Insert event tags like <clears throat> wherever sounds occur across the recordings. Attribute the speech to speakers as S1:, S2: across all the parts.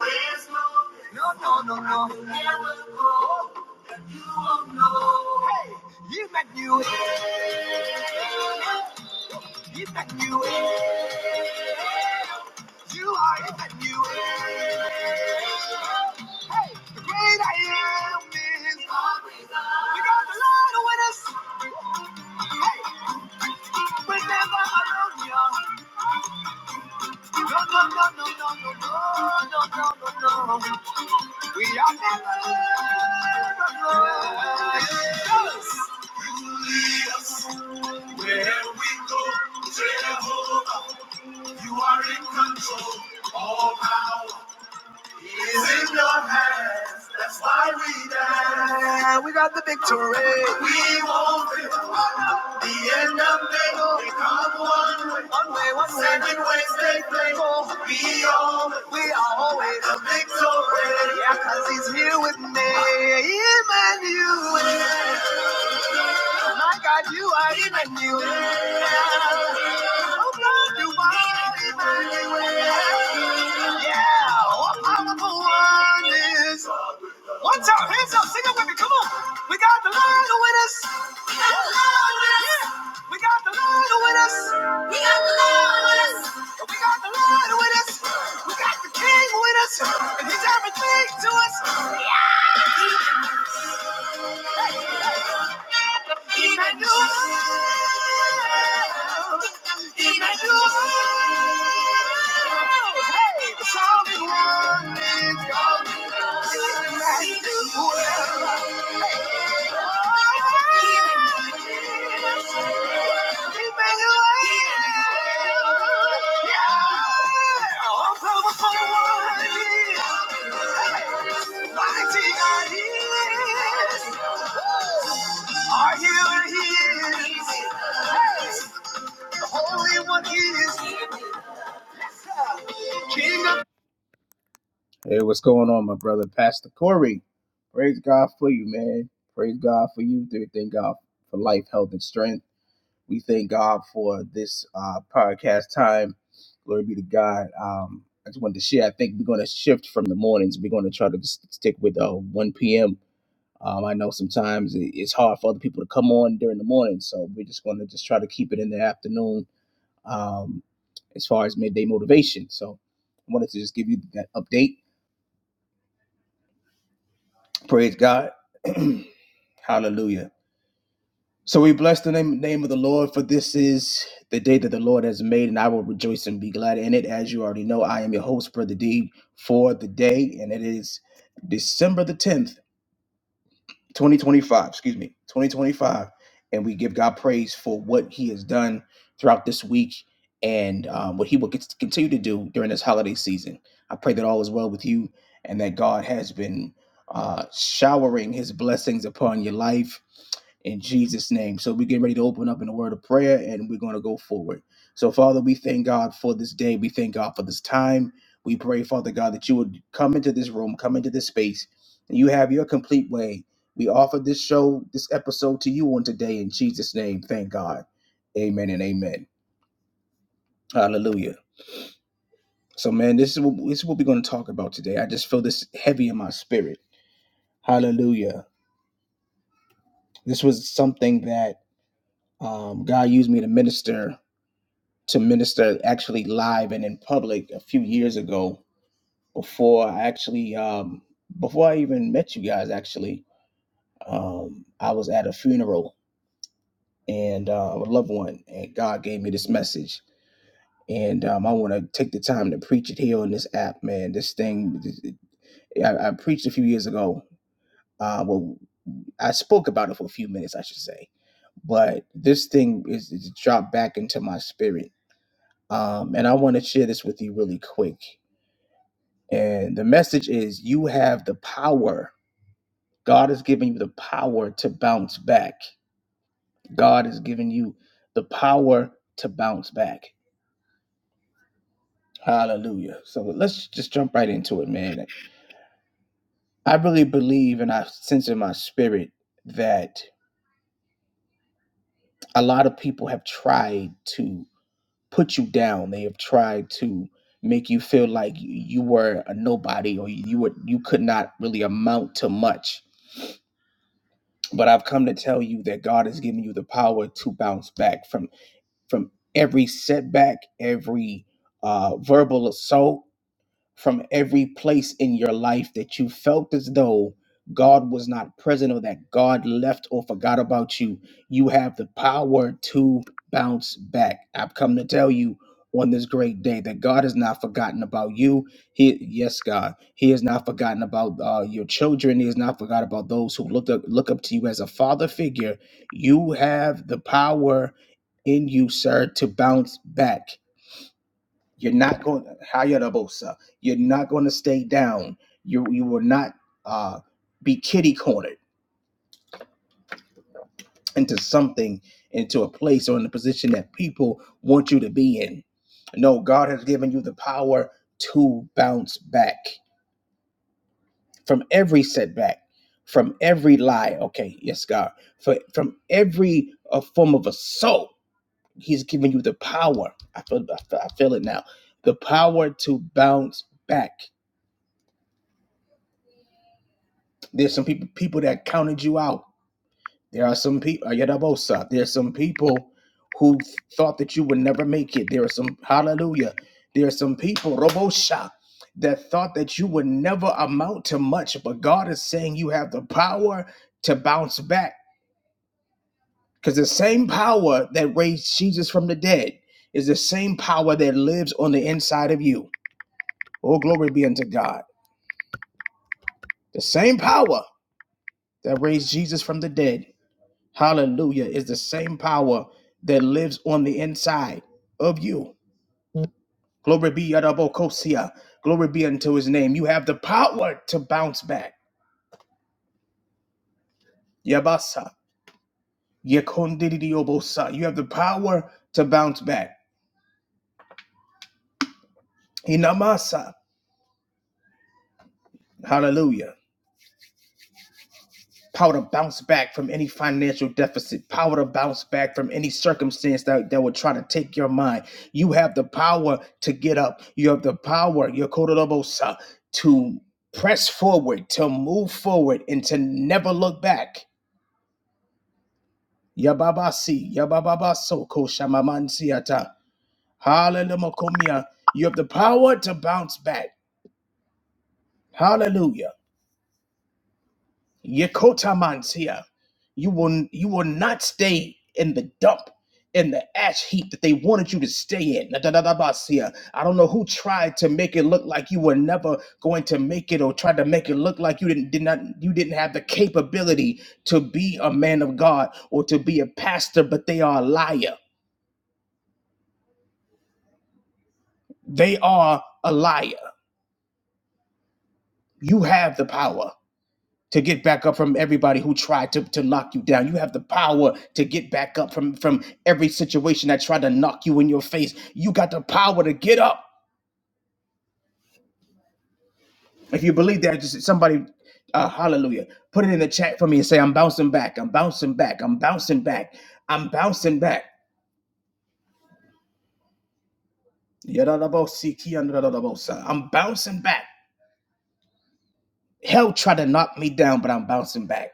S1: No, no, no, no. You never grow, and you won't know. Hey, you make new. You make new. You are you make new. The great I am is always on. We got the Lord with us. Hallelujah. No, no, no, no, no, no, no, no, no, no, no. We are never. Yes. Where we go, Jehovah, you are in control. All power is in your hands. That's why we dance. Yeah, we got the victory. We won't give up. The end of it We come one way. One way, one way. Seven ways they play. Oh, We always, we are always the victory. Yeah, 'cause he's here with me. Emmanuel. My God, you are Emmanuel. Oh God, you are Emmanuel. Yeah, what powerful one is. One time, hands up, sing it with me. Come on. We got the Lord with us. We got the Lord with us. We got the Lord with us. We got the King with us. And he's everything to us. Emmanuel. Emmanuel. Are you here? The Holy One is King of Hey, what's going on, my brother, Pastor Corey? Praise God for you, man. Praise God for you. We Thank God for life, health, and strength. We thank God for this uh, podcast time. Glory be to God. Um, I just wanted to share. I think we're going to shift from the mornings. We're going to try to just stick with uh, 1 p.m. Um, I know sometimes it- it's hard for other people to come on during the morning, so we're just going to just try to keep it in the afternoon um, as far as midday motivation. So I wanted to just give you that update Praise God. <clears throat> Hallelujah. So we bless the name, name of the Lord, for this is the day that the Lord has made, and I will rejoice and be glad in it. As you already know, I am your host, Brother D, for the day, and it is December the 10th. 2025, excuse me, 2025, and we give God praise for what He has done throughout this week and um, what He will get- to continue to do during this holiday season. I pray that all is well with you and that God has been uh, showering His blessings upon your life in Jesus' name. So we're getting ready to open up in a word of prayer and we're going to go forward. So, Father, we thank God for this day. We thank God for this time. We pray, Father God, that you would come into this room, come into this space, and you have your complete way we offer this show, this episode to you on today in Jesus' name. Thank God. Amen and amen. Hallelujah. So, man, this is what this is what we're going to talk about today. I just feel this heavy in my spirit. Hallelujah. This was something that um, God used me to minister to minister actually live and in public a few years ago before I actually um, before I even met you guys. Actually, um, I was at a funeral and uh, a loved one, and God gave me this message and um, I want to take the time to preach it here on this app, man. This thing, I, I preached a few years ago. Uh, well, I spoke about it for a few minutes, I should say, but this thing is, is dropped back into my spirit, um, and I want to share this with you really quick. And the message is: you have the power. God has given you the power to bounce back. God has given you the power to bounce back. Hallelujah. So let's just jump right into it, man. I really believe, and I sense in my spirit, that a lot of people have tried to put you down. They have tried to make you feel like you were a nobody or you were you could not really amount to much. But I've come to tell you that God has given you the power to bounce back from from every setback, every uh, verbal assault, from every place in your life that you felt as though God was not present or that God left or forgot about you. You have the power to bounce back. I've come to tell you on this great day that God has not forgotten about you. He, yes, God, He has not forgotten about uh, your children. He has not forgotten about those who look up, look up to you as a father figure. You have the power in you, sir, to bounce back. You're not going to hire the bosa. You're not going to stay down. You you will not uh, be kitty cornered into something, into a place or in a position that people want you to be in. No, God has given you the power to bounce back from every setback, from every lie. Okay, yes, God. For, from every uh, form of assault, He's given you the power. I feel, I feel I feel it now. The power to bounce back There's some people people that counted you out. There are some people Yadabosa. There's some people who thought that you would never make it. There are some hallelujah. There are some people, Robosha, that thought that you would never amount to much, but God is saying you have the power to bounce back. Because the same power that raised Jesus from the dead is the same power that lives on the inside of you. Oh, glory be unto God. The same power that raised Jesus from the dead Hallelujah. Is the same power that lives on the inside of you. Glory be Yadabokosia. Glory be unto his name. You have the power to bounce back. Yabasa. Yekondidiobosa. You have the power to bounce back. Inamasa. Hallelujah. power to bounce back from any financial deficit, power to bounce back from any circumstance that, that would try to take your mind. You have the power to get up. You have the power, your kodorobosa, to press forward, to move forward, and to never look back. Yababasi, yabababaso, koshamamansiata. Hallelujah. You have the power to bounce back. Hallelujah. Yekotamantia. You will you will not stay in the dump, in the ash heap that they wanted you to stay in. I don't know who tried to make it look like you were never going to make it, or tried to make it look like you didn't did not you didn't have the capability to be a man of God or to be a pastor, but they are a liar. They are a liar. You have the power. to get back up from everybody who tried to, to knock you down. You have the power to get back up from, from every situation that tried to knock you in your face. You got the power to get up. If you believe that, just somebody, uh, hallelujah, put it in the chat for me and say, I'm bouncing back, I'm bouncing back, I'm bouncing back, I'm bouncing back. Yadadabosi, kiyandadadabosa. I'm bouncing back. Hell tried to knock me down, but I'm bouncing back.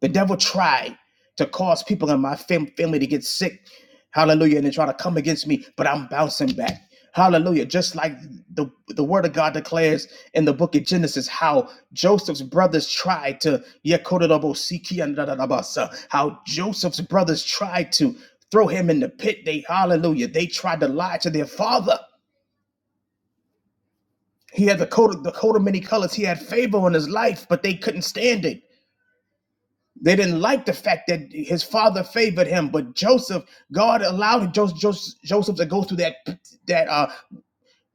S1: The devil tried to cause people in my fam- family to get sick. Hallelujah. And they try to come against me, but I'm bouncing back. Hallelujah. Just like the, the word of God declares in the book of Genesis, how Joseph's brothers tried to, Yekodadabosikiandadadabasa, how Joseph's brothers tried to throw him in the pit. They, hallelujah, they tried to lie to their father. He had the coat of the coat of many colors. He had favor on his life, but they couldn't stand it. They didn't like the fact that his father favored him, but Joseph, God allowed Joseph, Joseph Joseph to go through that that uh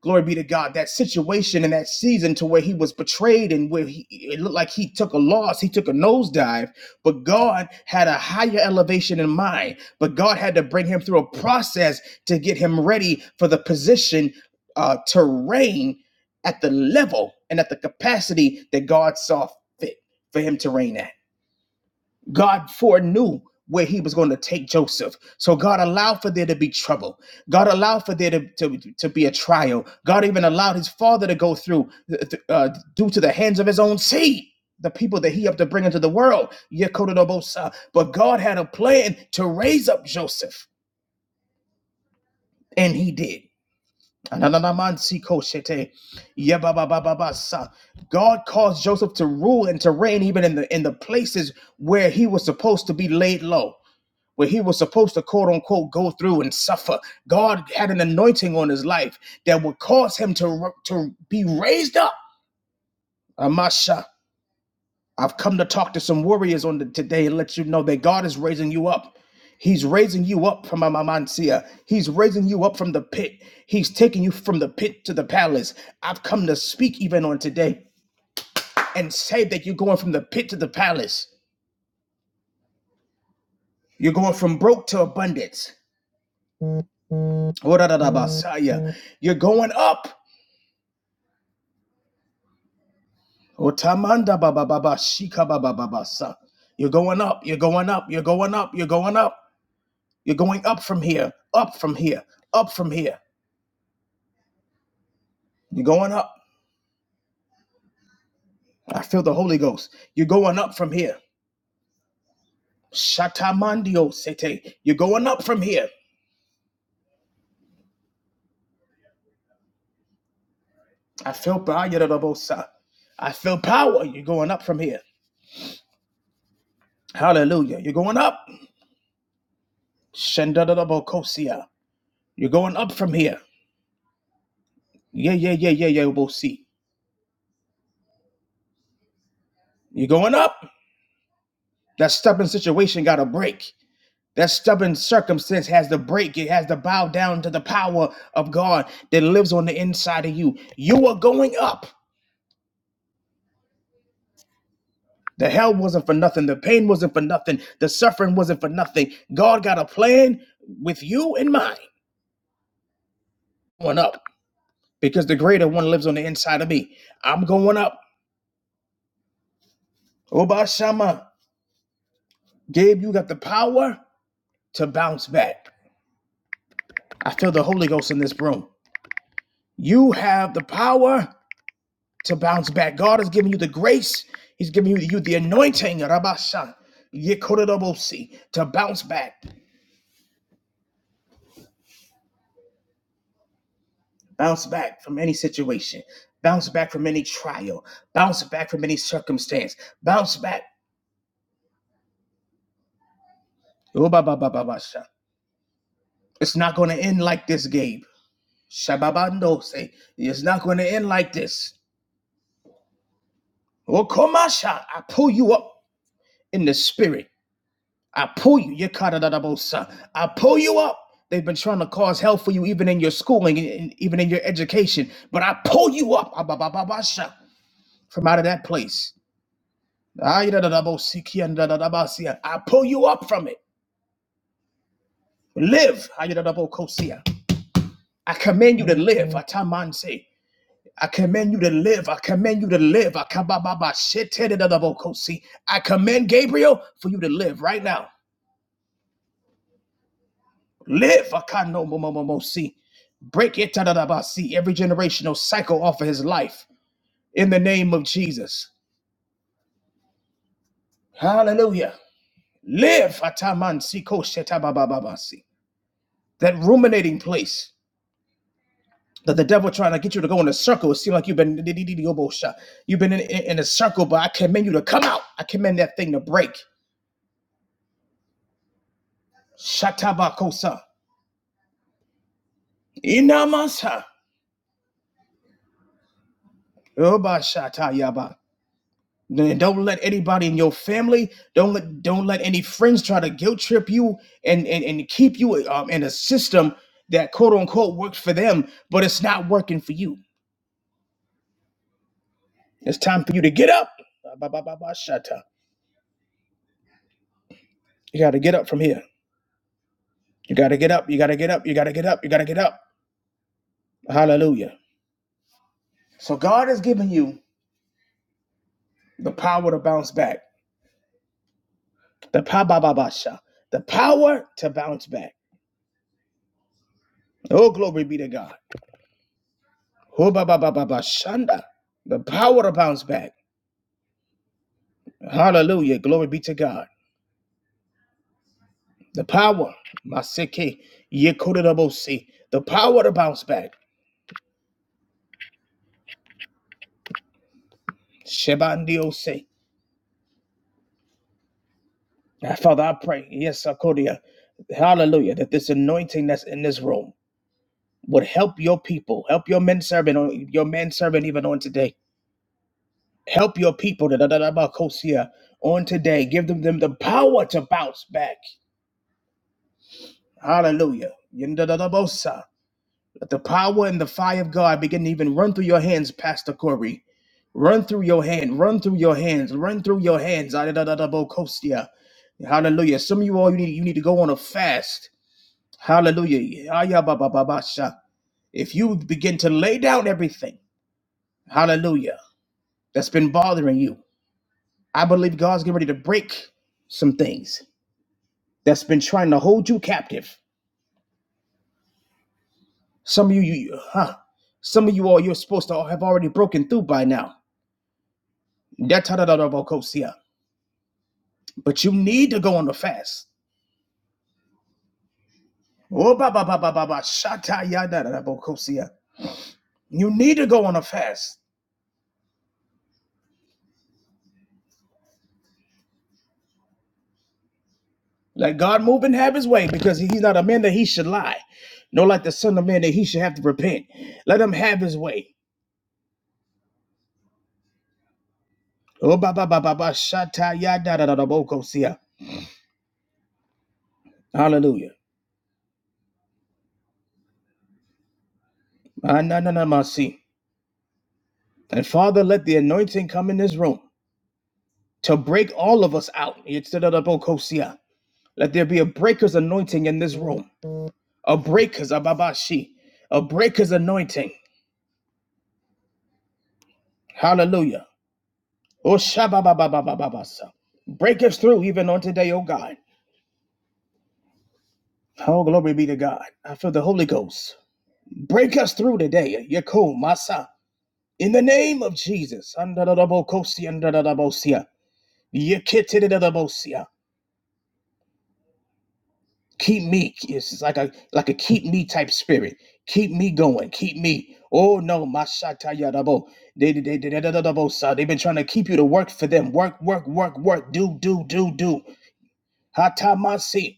S1: glory be to God, that situation and that season to where he was betrayed and where he it looked like he took a loss, he took a nosedive, but God had a higher elevation in mind. But God had to bring him through a process to get him ready for the position uh to reign at the level and at the capacity that God saw fit for him to reign at. God foreknew where he was going to take Joseph. So God allowed for there to be trouble. God allowed for there to, to, to be a trial. God even allowed his father to go through uh, due to the hands of his own seed, the people that he helped to bring into the world. Yekododobosa. But God had a plan to raise up Joseph, and he did. God caused Joseph to rule and to reign even in the in the places where he was supposed to be laid low where he was supposed to quote unquote go through and suffer. God had an anointing on his life that would cause him to, to be raised up. Amasha, I've come to talk to some warriors on the, today and let you know that God is raising you up. He's raising you up from Amamansia. He's raising you up from the pit. He's taking you from the pit to the palace. I've come to speak even on today and say that you're going from the pit to the palace. You're going from broke to abundance. ora da da you are going up. Otamanda baba baba shika baba baba sa. You're going up, you're going up, you're going up, you're going up. You're going up from here, up from here, up from here. You're going up. I feel the Holy Ghost. You're going up from here. Shatamandio sete. You're going up from here. I feel power. I feel power. You're going up from here. Hallelujah. You're going up. Shendadadabokosia. You're going up from here. Yeah, yeah, yeah, yeah, yeah, we'll see. You're going up. That stubborn situation got to break. That stubborn circumstance has to break. It has to bow down to the power of God that lives on the inside of you. You are going up. The hell wasn't for nothing. The pain wasn't for nothing. The suffering wasn't for nothing. God got a plan with you in mind. Going up because the greater one lives on the inside of me. I'm going up. Obashama, Gabe, you got the power to bounce back. I feel the Holy Ghost in this room. You have the power to bounce back. God has given you the grace. He's given you, you the anointing, Rabasha, Yekododobosi, to bounce back, bounce back from any situation, bounce back from any trial, bounce back from any circumstance, bounce back. Obabababasha. It's not going to end like this, Gabe. Shababandose. It's not going to end like this. Okomasha. I pull you up in the spirit. I pull you, you cut it out of both sides. I pull you up. They've been trying to cause hell for you, even in your schooling, and and even in your education. But I pull you up ah, ba, ba, ba, ba, sha, from out of that place. Ah, yada, da, da, bo, si, ki, and da, da, da, ba, si, ah. I pull you up from it. Live. Ah, yada, da, bo, ko, si, ah. I command you to live. Ah, ta, man, se. I command you to live. I command you to live. Ah, ka, ba, ba, ba, shi, te, da, da, da, bo, ko, si. I command Gabriel for you to live right now. Live. I can no more, more, more, more, see. Break it, tadadabasi, every generational cycle off of his life in the name of Jesus. Hallelujah. Live, ataman si ko siko shetababababasi. that ruminating place that the devil trying to get you to go in a circle. It seems like you've been you've been in, in, in a circle, but I command you to come out. I command that thing to break. Shatabakosa. Inamasa. Oba shata yaba. Then don't let anybody in your family, don't let don't let any friends try to guilt trip you and and, and keep you um, in a system that quote unquote works for them, but it's not working for you. It's time for you to get up. Ba, ba, ba, ba, shatta. You gotta get up from here. You gotta get up, you gotta get up, you gotta get up, you gotta get up. Hallelujah. So God has given you the power to bounce back. The pa ba ba ba sha. The power to bounce back. Oh glory be to God. Ho ba ba ba ba ba shanda. The power to bounce back. Hallelujah. Glory be to God. The power, Maseke, Yekodabose, the power to bounce back. Shebandiose. Ah, Father, I pray, yes, Akodia. Hallelujah. That this anointing that's in this room would help your people, help your men servant, your man servant even on today. Help your people da- da- da- da- ba- kosia, on today. Give them, them the power to bounce back. Hallelujah. Yin- da- da- da- bosa. Let the power and the fire of God begin to even run through your hands, Pastor Corey. Run through your hand. Run through your hands. Run through your hands. Adadadadabokostia. Hallelujah. Some of you all you need you need to go on a fast. Hallelujah. Ayabababasha. If you begin to lay down everything, hallelujah, that's been bothering you. I believe God's getting ready to break some things that's been trying to hold you captive. Some of you, you you- huh? Some of you all you're supposed to have already broken through by now. Datadadadabokosia. But you need to go on the fast. Oh, ba ba ba ba ba ba. Shata yada da da bo You need to go on a fast. Let God move and have His way, because He's not a man that He should lie, nor like the Son of Man that He should have to repent. Let Him have His way. Oh, ba ba ba ba ba. Shata yada da da da Hallelujah. Ah, na na na ma si. And Father, let the anointing come in this room to break all of us out. It's da da da Let there be a breaker's anointing in this room. A breaker's ababashi. A breaker's anointing. Hallelujah. Oh, shabba-ba-ba-ba-ba-ba-sa. Break us through even on today, oh God. Oh, glory be to God. I feel the Holy Ghost. Break us through today. Yakum, Masa. In the name of Jesus. Andadadabokosi, andadadabosia. Yekitidadadabosia. Keep me. It's like a like a keep me type spirit. Keep me going. Keep me. Oh no, Mashatayadabo. They, they, they, they, they've been trying to keep you to work for them. Work, work, work, work. Do, do, do, do. Hatamasi.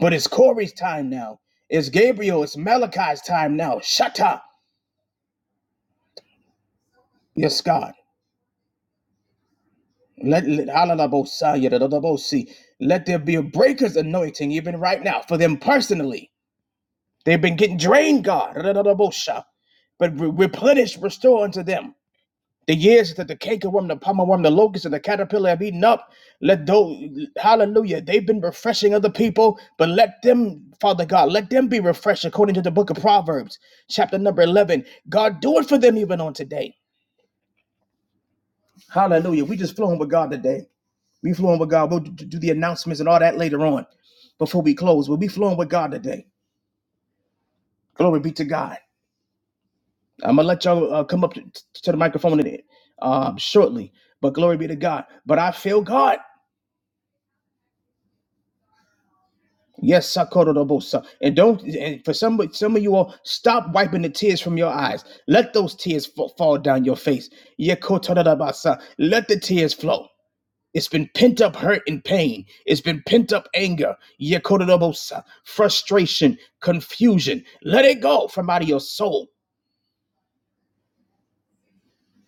S1: But it's Corey's time now. It's Gabriel. It's Malachi's time now. Shut up. Yes, God. Let let halalabosai, yadadadabosi. Let there be a breaker's anointing even right now for them personally. They've been getting drained, God. Radadadabosha. But replenish, restore unto them. The years that the cankerworm, the palmerworm, the locust, and the caterpillar have eaten up, let those, hallelujah, they've been refreshing other people, but let them, Father God, let them be refreshed according to the book of Proverbs, chapter number 11. God, do it for them even on today. Hallelujah. We just flowing with God today. We flowing with God. We'll do the announcements and all that later on before we close. We'll be flowing with God today. Glory be to God. I'm going to let y'all uh, come up to, to the microphone in it, um, shortly, but glory be to God. But I feel God. Yes, Sakorobosa. And don't and for some some of you all stop wiping the tears from your eyes. Let those tears fa- fall down your face. Yekotorobasa. Let the tears flow. It's been pent up hurt and pain. It's been pent up anger. Yekotorobasa. Frustration, confusion. Let it go from out of your soul.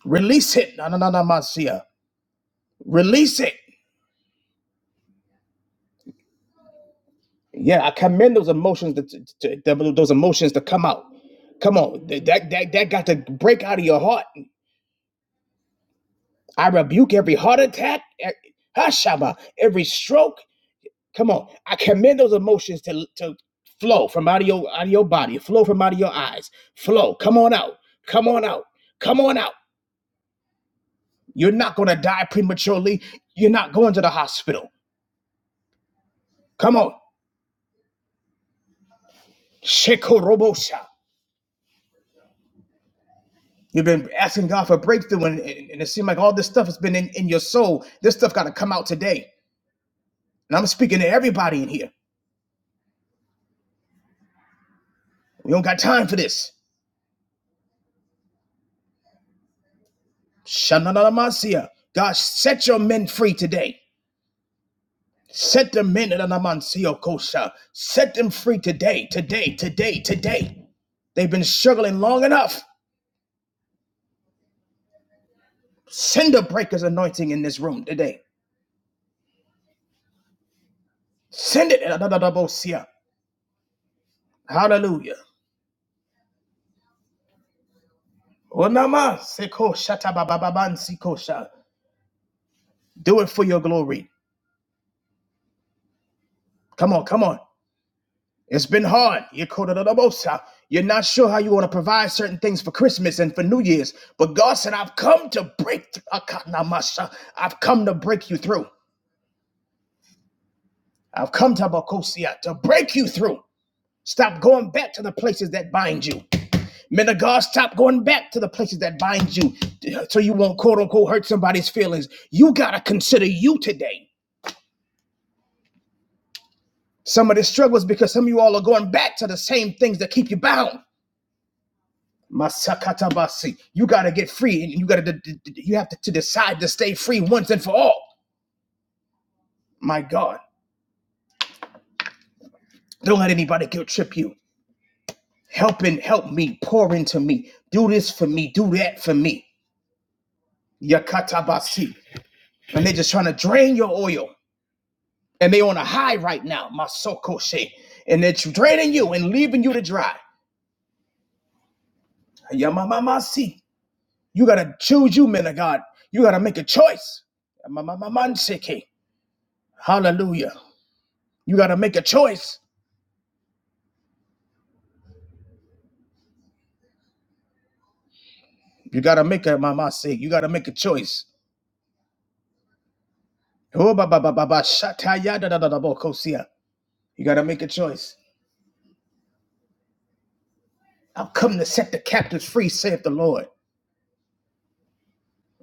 S1: Release it. Na na na na masia. Release it. Yeah, I commend those emotions that to, to- those emotions to come out. Come on, that that that got to break out of your heart. I rebuke every heart attack, e- hashaba, every stroke. Come on, I command those emotions to, to flow from out of your out of your body, flow from out of your eyes, flow. Come on out, come on out, come on out. You're not going to die prematurely. You're not going to the hospital. Come on, shekorobosha. You've been asking God for breakthrough, and, and, and it seems like all this stuff has been in, in your soul. This stuff got to come out today. And I'm speaking to everybody in here. We don't got time for this. Shananamasia. God, set your men free today. Set the men in Anamansio Kosha. Set them free today, today, today, today. They've been struggling long enough. Send a breaker's anointing in this room today. Send it. Adadadabosia. Hallelujah. Onama seko Do it for your glory. Come on, come on. It's been hard. You're called to the most. Uh, You're not sure how you want to provide certain things for Christmas and for New Year's. But God said, I've come to break. th- Akanamasha. I've come to break you through. I've come to Bakosia to break you through. Stop going back to the places that bind you. Men of God, stop going back to the places that bind you so you won't quote unquote hurt somebody's feelings. You got to consider you today. Some of the struggles because some of you all are going back to the same things that keep you bound. Masakatabasi. You got to get free, and you got to you have to, to decide to stay free once and for all. My God, don't let anybody guilt trip you. Help and help me, pour into me. Do this for me, do that for me. Yakatabasi, and they're just trying to drain your oil, and they are on a high right now. Masokoshe, and they're draining you and leaving you to dry. Yamamamasi, you got to choose you, men of God. You got to make a choice. Mamamamanseke. Hallelujah. You got to make a choice. You gotta make a mama say. You gotta make a choice. Oh, ba ba ba ba ba. Shataya da da da da bo kosia. You gotta make a choice. I've come to set the captives free, saith the Lord.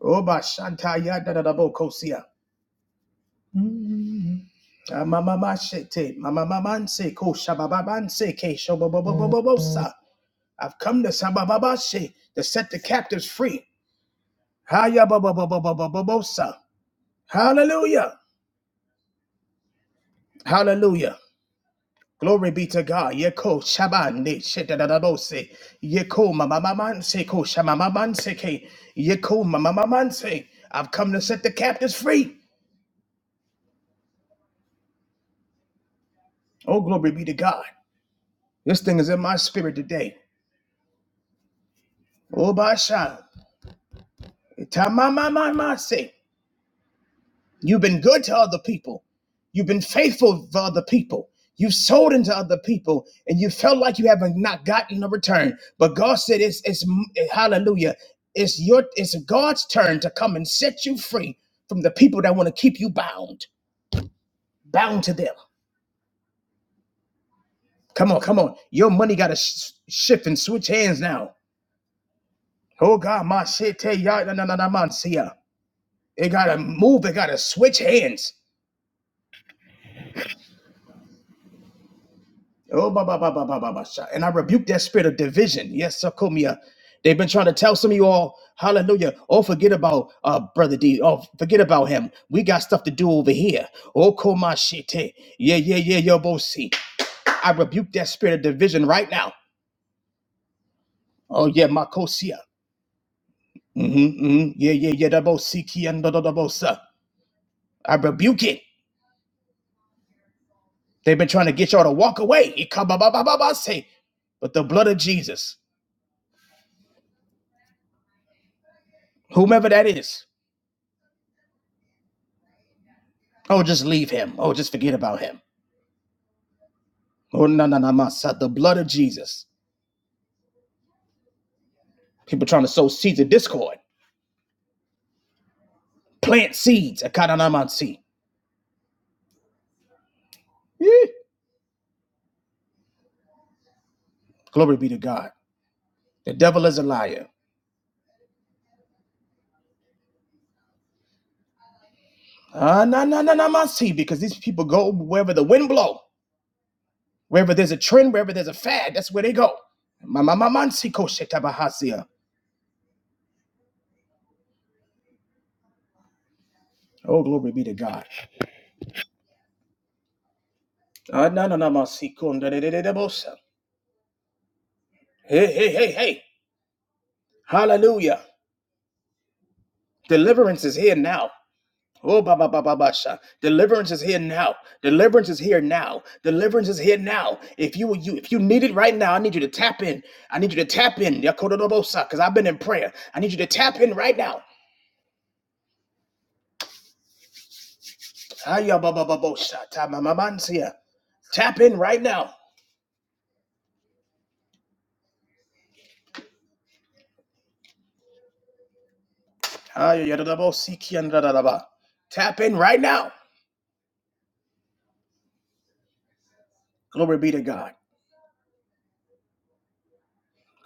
S1: Oh, ba shantaya da da da bo kosia. Ah, ma ma ma shete. Ma ma ma man se ko shabababan se ke shobobobobobosa. I've come to sabababashe to set the captives free. Haya ba ba ba ba ba ba ba bosa. Hallelujah. Hallelujah. Glory be to God. Yeko shabande shedadadabose. Yeko mamamamanse ko shamamamanse ke. Yeko mamamamanse. I've come to set the captives free. Oh, glory be to God. This thing is in my spirit today. Oh, basha. Itamamamamanse. You've been good to other people. You've been faithful for other people. You've sold into other people and you felt like you haven't not gotten a return. But God said it's it's hallelujah. It's your it's God's turn to come and set you free from the people that want to keep you bound. Bound to them. Come on, come on. Your money gotta sh- shift and switch hands now. Oh God, my shit, tell y'all, no, no, no, no, man, see ya. It gotta move, it gotta switch hands. Oh, ba, ba, ba, ba, ba, ba, ba, sha. And I rebuke that spirit of division. Yes, Sakumia. They've been trying to tell some of you all, hallelujah. Oh, forget about uh brother D. Oh, forget about him. We got stuff to do over here. Oh, komashite. Yeah, yeah, yeah, yo, bo see. I rebuke that spirit of division right now. Oh, yeah, Makosia. Mm-hmm, mm-hmm. Yeah, yeah, yeah, da bo see, ki, and da, da, da, bo, sa. I rebuke it. They've been trying to get y'all to walk away. Ika, ba, ba, ba, ba, ba, say. But the blood of Jesus, whomever that is. Oh, just leave him. Oh, just forget about him. Oh, no, no, no, my the blood of Jesus. People trying to sow seeds of discord, plant seeds. Akananamansi. Eh, Glory be to God. The devil is a liar. Ah, no, no, no, no, my because these people go wherever the wind blow, wherever there's a trend, wherever there's a fad, that's where they go. Ma, ma, mansi, ko, shetabahasia. Oh, glory be to God. Ah, no, no, no, my kunda kun, da, da, da, da, da, bosa. Hey, hey, hey, hey. Hallelujah. Deliverance is here now. Oh, ba ba ba ba ba sha. Deliverance is here now. Deliverance is here now. Deliverance is here now. If you you if you need it right now, I need you to tap in. I need you to tap in. Yakododobosa, because I've been in prayer. I need you to tap in right now. Aya ba ba ba bo sha, ta ma ma man sia. Tap in right now. Aya yadadabo si kian dadadaba. Tap in right now. Glory be to God.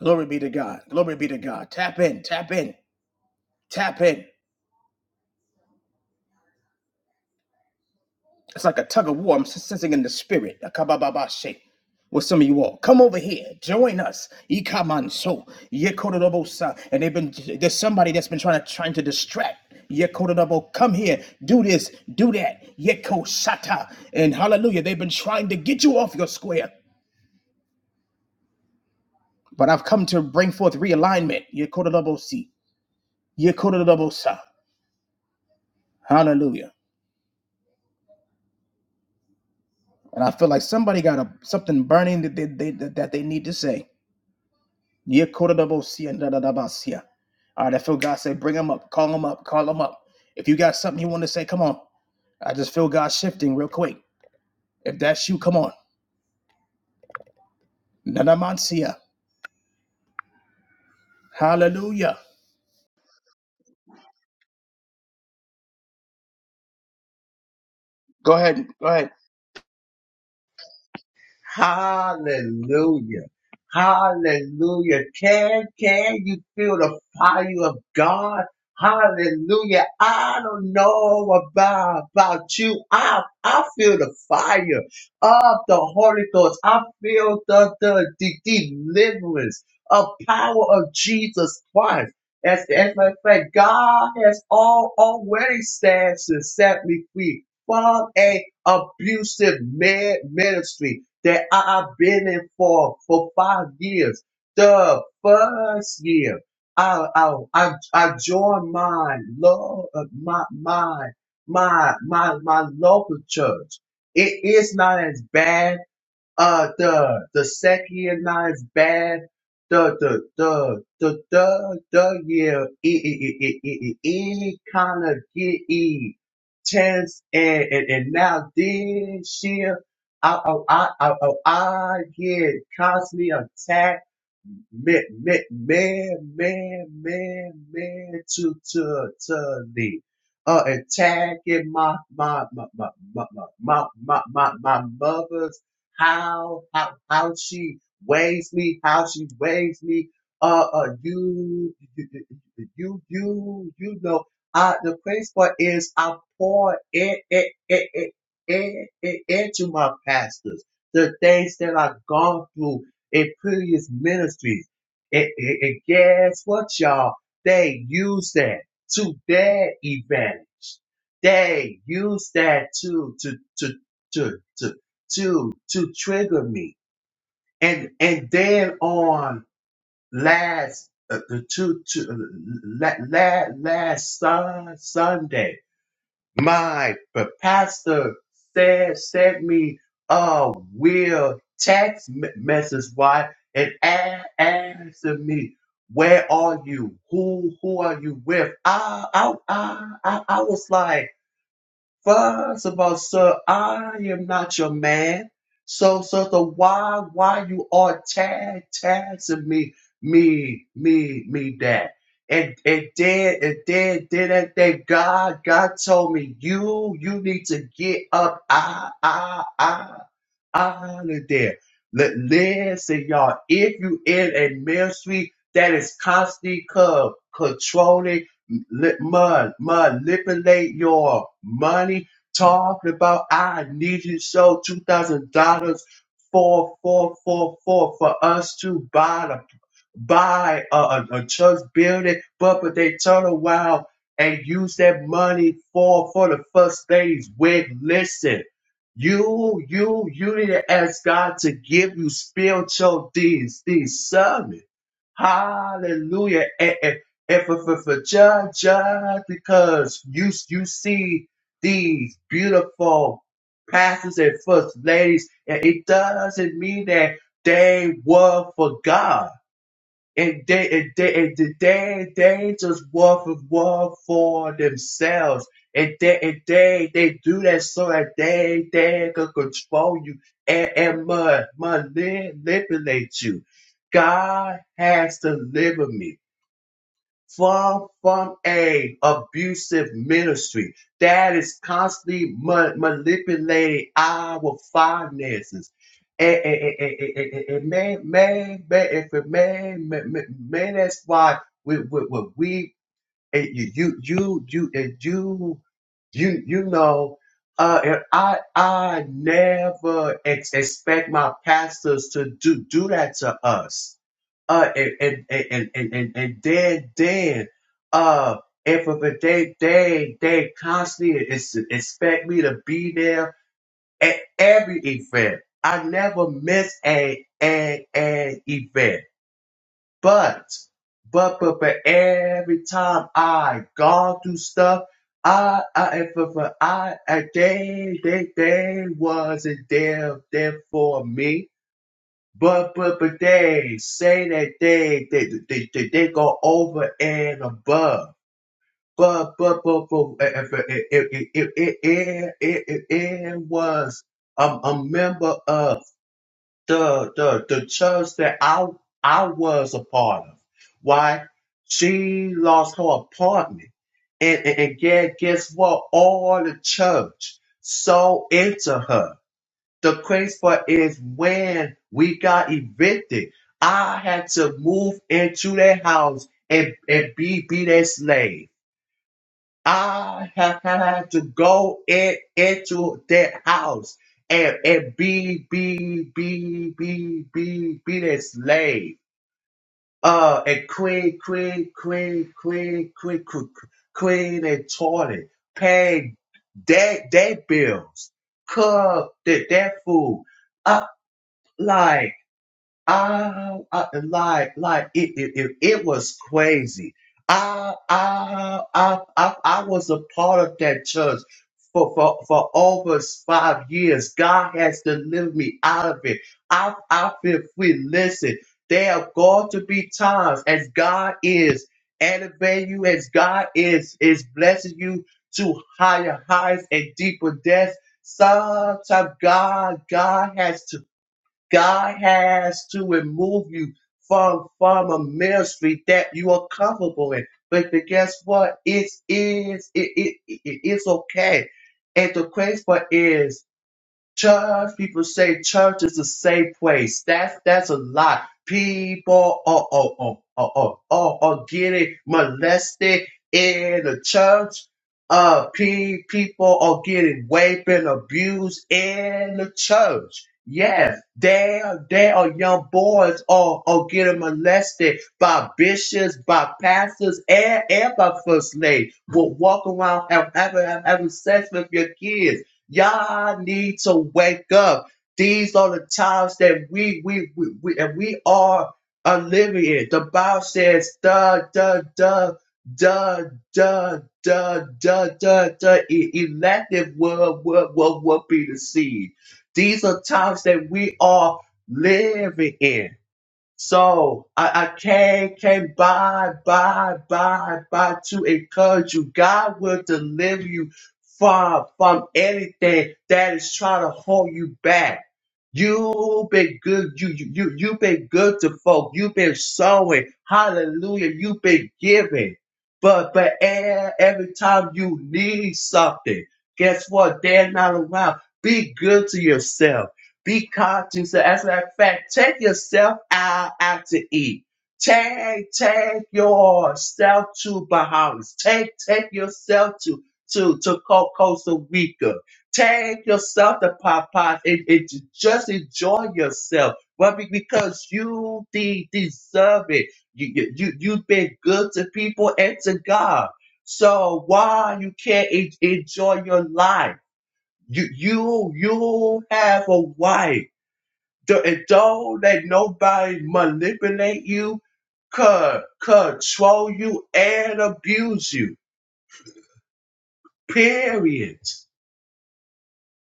S1: Glory be to God. Glory be to God. Tap in. Tap in. Tap in. It's like a tug of war. I'm sensing in the spirit. Akabababashe. With some of you all, come over here, join us. Ikamanso, Yekodorobosa. And they've been there's somebody that's been trying to trying to distract. Yekodorobo, come here, do this, do that. Yeko Shata. And hallelujah, they've been trying to get you off your square. But I've come to bring forth realignment. Yekodorobosi. Yekodorobosa. Hallelujah. And I feel like somebody got a, something burning that they, they that they need to say. Yekodabosia and Dadabasia. All right, I feel God say, bring them up, call them up, call them up. If you got something you want to say, come on. I just feel God shifting real quick. If that's you, come on. Nanamansia. Hallelujah. Go ahead. Go ahead.
S2: Hallelujah. Hallelujah. Can, can you feel the fire of God? Hallelujah. I don't know about, about you. I, I feel the fire of the Holy Ghost. I feel the, the, the deliverance of power of Jesus Christ. As, as my friend, God has all already stands and set me free from a abusive man ministry that I've been in for for five years. The first year, I I I, I joined my love my my my my my local church. It is not as bad uh the the second night's bad the the the the the the year yeah it it it it it kind of get e tense and, and and now this year I I I I I I get constantly attacked man, man, man, man, man, to to to the uh, attacking my my my my my my my, my, my mother's how how how she weighs me, how she weighs me. Uh, uh, you you you you you know. Uh, the crazy part is I pour it it it it, it, it into my pastors the things that I've gone through it previous ministries. And, and, and guess what, y'all? They use that to their advantage. They use that to to to to to to to trigger me. And and then on last uh, the two, two uh, la, la, last sun, Sunday mind. But Pastor said sent me a weird text me- message. Why? And a- asking me, "Where are you? Who who are you with?" I I I I, I was like. First of all, sir, I am not your man. So, so, so why, why you are tag, tagging me, me, me, me, that? And and then and then then that then God God told me you you need to get up. I I I honor there. Let, listen, y'all, if you in a ministry that is constantly co- controlling, li- man- manipulate your money, talking about, I need you to show $2,000 for, for, for, for, for us to buy the buy a, a, a church building, but but they turn around and use that money for for the first lady's wig. listen. You, you, you need to ask God to give you spiritual dis- discernment. Hallelujah. And, and, and for, for, for just, just because you, you see these beautiful pastors and first ladies, and it doesn't mean that they were for God. And they, and they, and they, they just want for war for themselves. And they, and they, they do that so that they, they can control you and, and ma- manipulate you. God has delivered me far from a abusive ministry that is constantly ma- manipulating our finances. And, and, and, and, and- and- and man, man, man, if a man, man, man, man, that's why we, we, we, Hey, you you you you eh, you you you know uh and I I never ex- expect my pastors to do do that to us. Uh and and and and and, and then then uh if if they they they constantly is, expect me to be there at every event. I never miss a a an event. But, but, but, but every time I gone through stuff, I, I, if, if if I, I, they, they, they wasn't there, there for me. But, but, but they say that they, they, they, they, they go over and above. But, but, but, but, if, if, if, if, if, if, if, if, if it was, um, a member of the the the church that I I was a part of. Why she lost her apartment, and and, and yeah, guess what? All the church sold into her. The crazy part is when we got evicted, I had to move into their house and and be be their slave. I have had to go in, into that house and, and be, be, be, be, be, be that slave. Uh, and queen, queen, queen, queen, queen, queen, queen and toilet, pay that, that bills, cook that, that food up like, I, I like like it, it it it was crazy. I I I I I was a part of that church for for for over five years. God has delivered me out of it. I I feel free. Listen, there are going to be times as God is elevating you, as God is is blessing you to higher heights and deeper depths. Sometimes God God has to God has to remove you from from a ministry that you are comfortable in. But the, guess what? It is it, it, it- it's okay. And the crazy part is Church, people say church is a safe place. That's that's a lie. People oh oh oh oh oh oh are getting molested in the church. Uh, pe- people are getting raped and abused in the church. Yes, they are. They are young boys are are getting molested by bishops, by pastors, and, and by first lady. Will walk around and have, have, have sex with your kids Y'all need to wake up. These are the times that we we we, we and we are are living in. The Bible says, "Da da da da da da da da da." E- Elective will will will will be the seed. These are times that we are living in. So I, I came, came by, by, by, by to encourage you. God will deliver you from, from anything that is trying to hold you back. You've been good. You, you, you, you've been good to folk. You've been sowing. Hallelujah. You've been giving. But, but e- every time you need something, guess what? They're not around. Be good to yourself. Be conscious. As a matter of fact, take yourself out, out to eat. Take, take yourself to Bahamas. Take, take yourself to, to, to Co- Costa Rica. Take yourself to Popeyes and, and ju- just enjoy yourself. Well, be- because you de- deserve it. You, you, you- you've been good to people and to God. So why you can't en- enjoy your life? You, you, you have a wife. Don't- And don't let nobody manipulate you, co- control you, and abuse you. Period.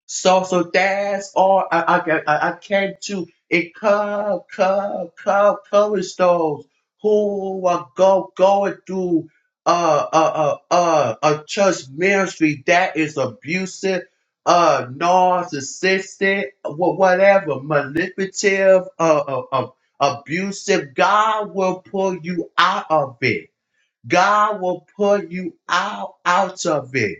S2: So so that's all I I can I, I can do. It cover cover cover covers those who are go going through uh uh uh uh a church ministry that is abusive, uh narcissistic, wha- whatever, manipulative, uh, uh, uh abusive. God will pull you out of it. God will pull you out out of it.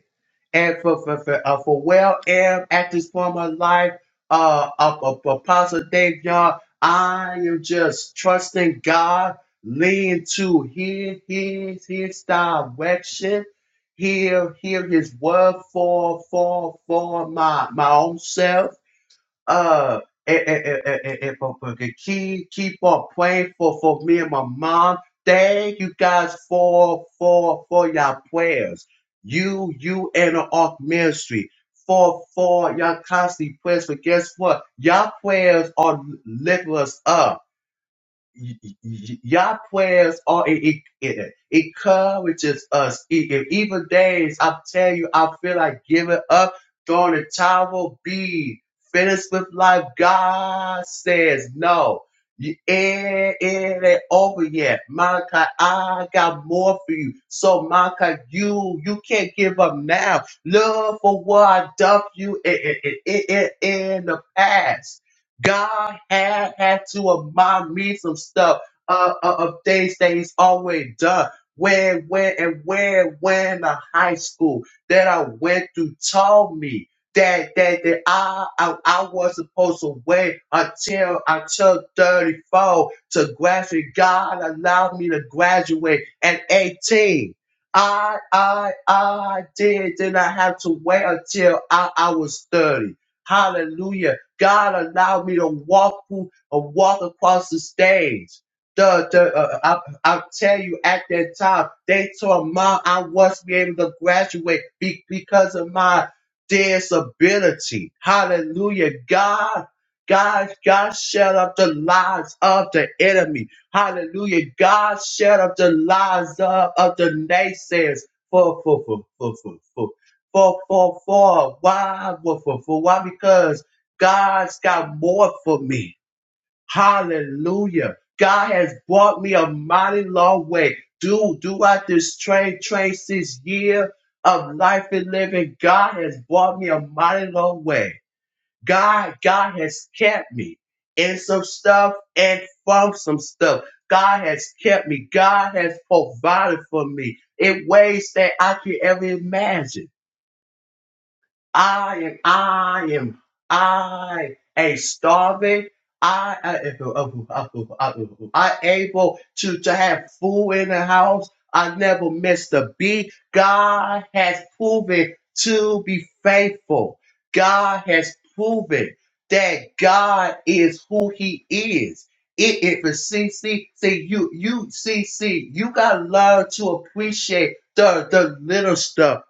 S2: And for for for, uh, for well am at this point of my life, uh, uh, uh, Apostle Dave, y'all, I am just trusting God, lean to His His His direction. Hear hear His word for for for my my own self uh and, and, and, and, and for, for the key, keep on praying for, for me and my mom. Thank you guys for for for your prayers. You you and the Ark Ministry for for your constant prayers. But guess what? Your prayers are lifting us up. Your prayers y- all it, it, it it encourages us. E- In evil days, I tell you, I feel like giving up, throwing the towel, be finished with life. God says no. Y- It, it ain't over yet. Malachi, I got more for you. So Malachi, you you can't give up now. Look for what I done for you in, in, in in the past. God had had to remind me some stuff uh, uh, of things that He's always done. When, when, and where, when the high school that I went to told me that that that I I, I was supposed to wait until until 34 to graduate. God allowed me to graduate at 18. I I I did did not have to wait until I, I was 30. Hallelujah God allowed me to walk through or walk across the stage. The, the, uh, I, I'll tell you, at that time, they told mom I wasn't able to graduate be, because of my disability. Hallelujah. God, God, God shut up the lies of the enemy. Hallelujah. God shut up the lies of, of the naysayers for, for, for, for, for, for, for, for, for, why, for, for, for, why? Because God's got more for me. Hallelujah. God has brought me a mighty long way. Do throughout this train, trace this year of life and living, God has brought me a mighty long way. God, God has kept me in some stuff and from some stuff. God has kept me. God has provided for me in ways that I can ever imagine. I am, I am, I am starving. I, I, I able to, to have food in the house. I never missed a beat. God has proven to be faithful. God has proven that God is who He is. It, it for see, see, see, you, you, C C. you gotta learn to appreciate the, the little stuff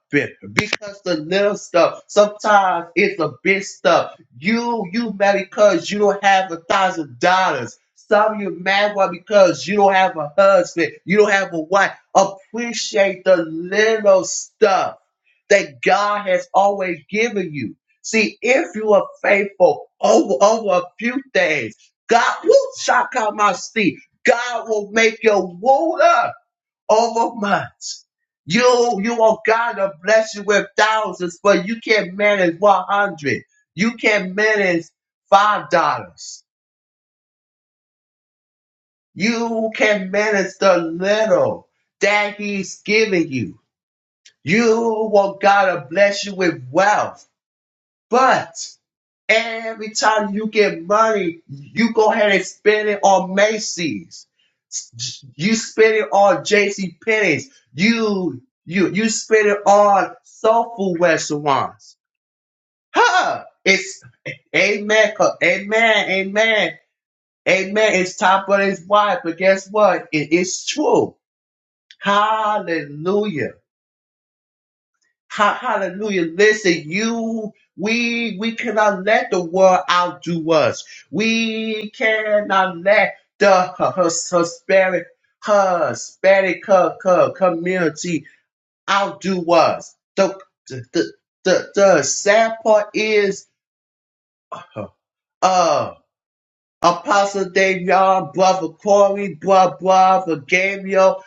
S2: because the little stuff sometimes it's a big stuff. You you mad because you don't have a thousand dollars. Some of you mad why because you don't have a husband, you don't have a wife. Appreciate the little stuff that God has always given you. See, if you are faithful over over a few things, God will shock out my seat. God will make your ruler over much. You you want God to bless you with thousands, but you can't manage one hundred. You can't manage five dollars. You can manage the little that He's giving you. You want God to bless you with wealth. But every time you get money, you go ahead and spend it on Macy's. You spend it on JC Penney's. You you you spend it on soul food restaurants. Huh? It's amen, co- amen, amen, amen. It's time for his wife, but guess what? It is true. Hallelujah. Ha- hallelujah. Listen, you, we, we cannot let the world outdo us. We cannot let the uh, Hus- Hispanic, Hispanic co- co- community outdo us. The, the, the, the, the sad part is, uh, Apostle Davion, brother Corey, brother, brother Gabriel,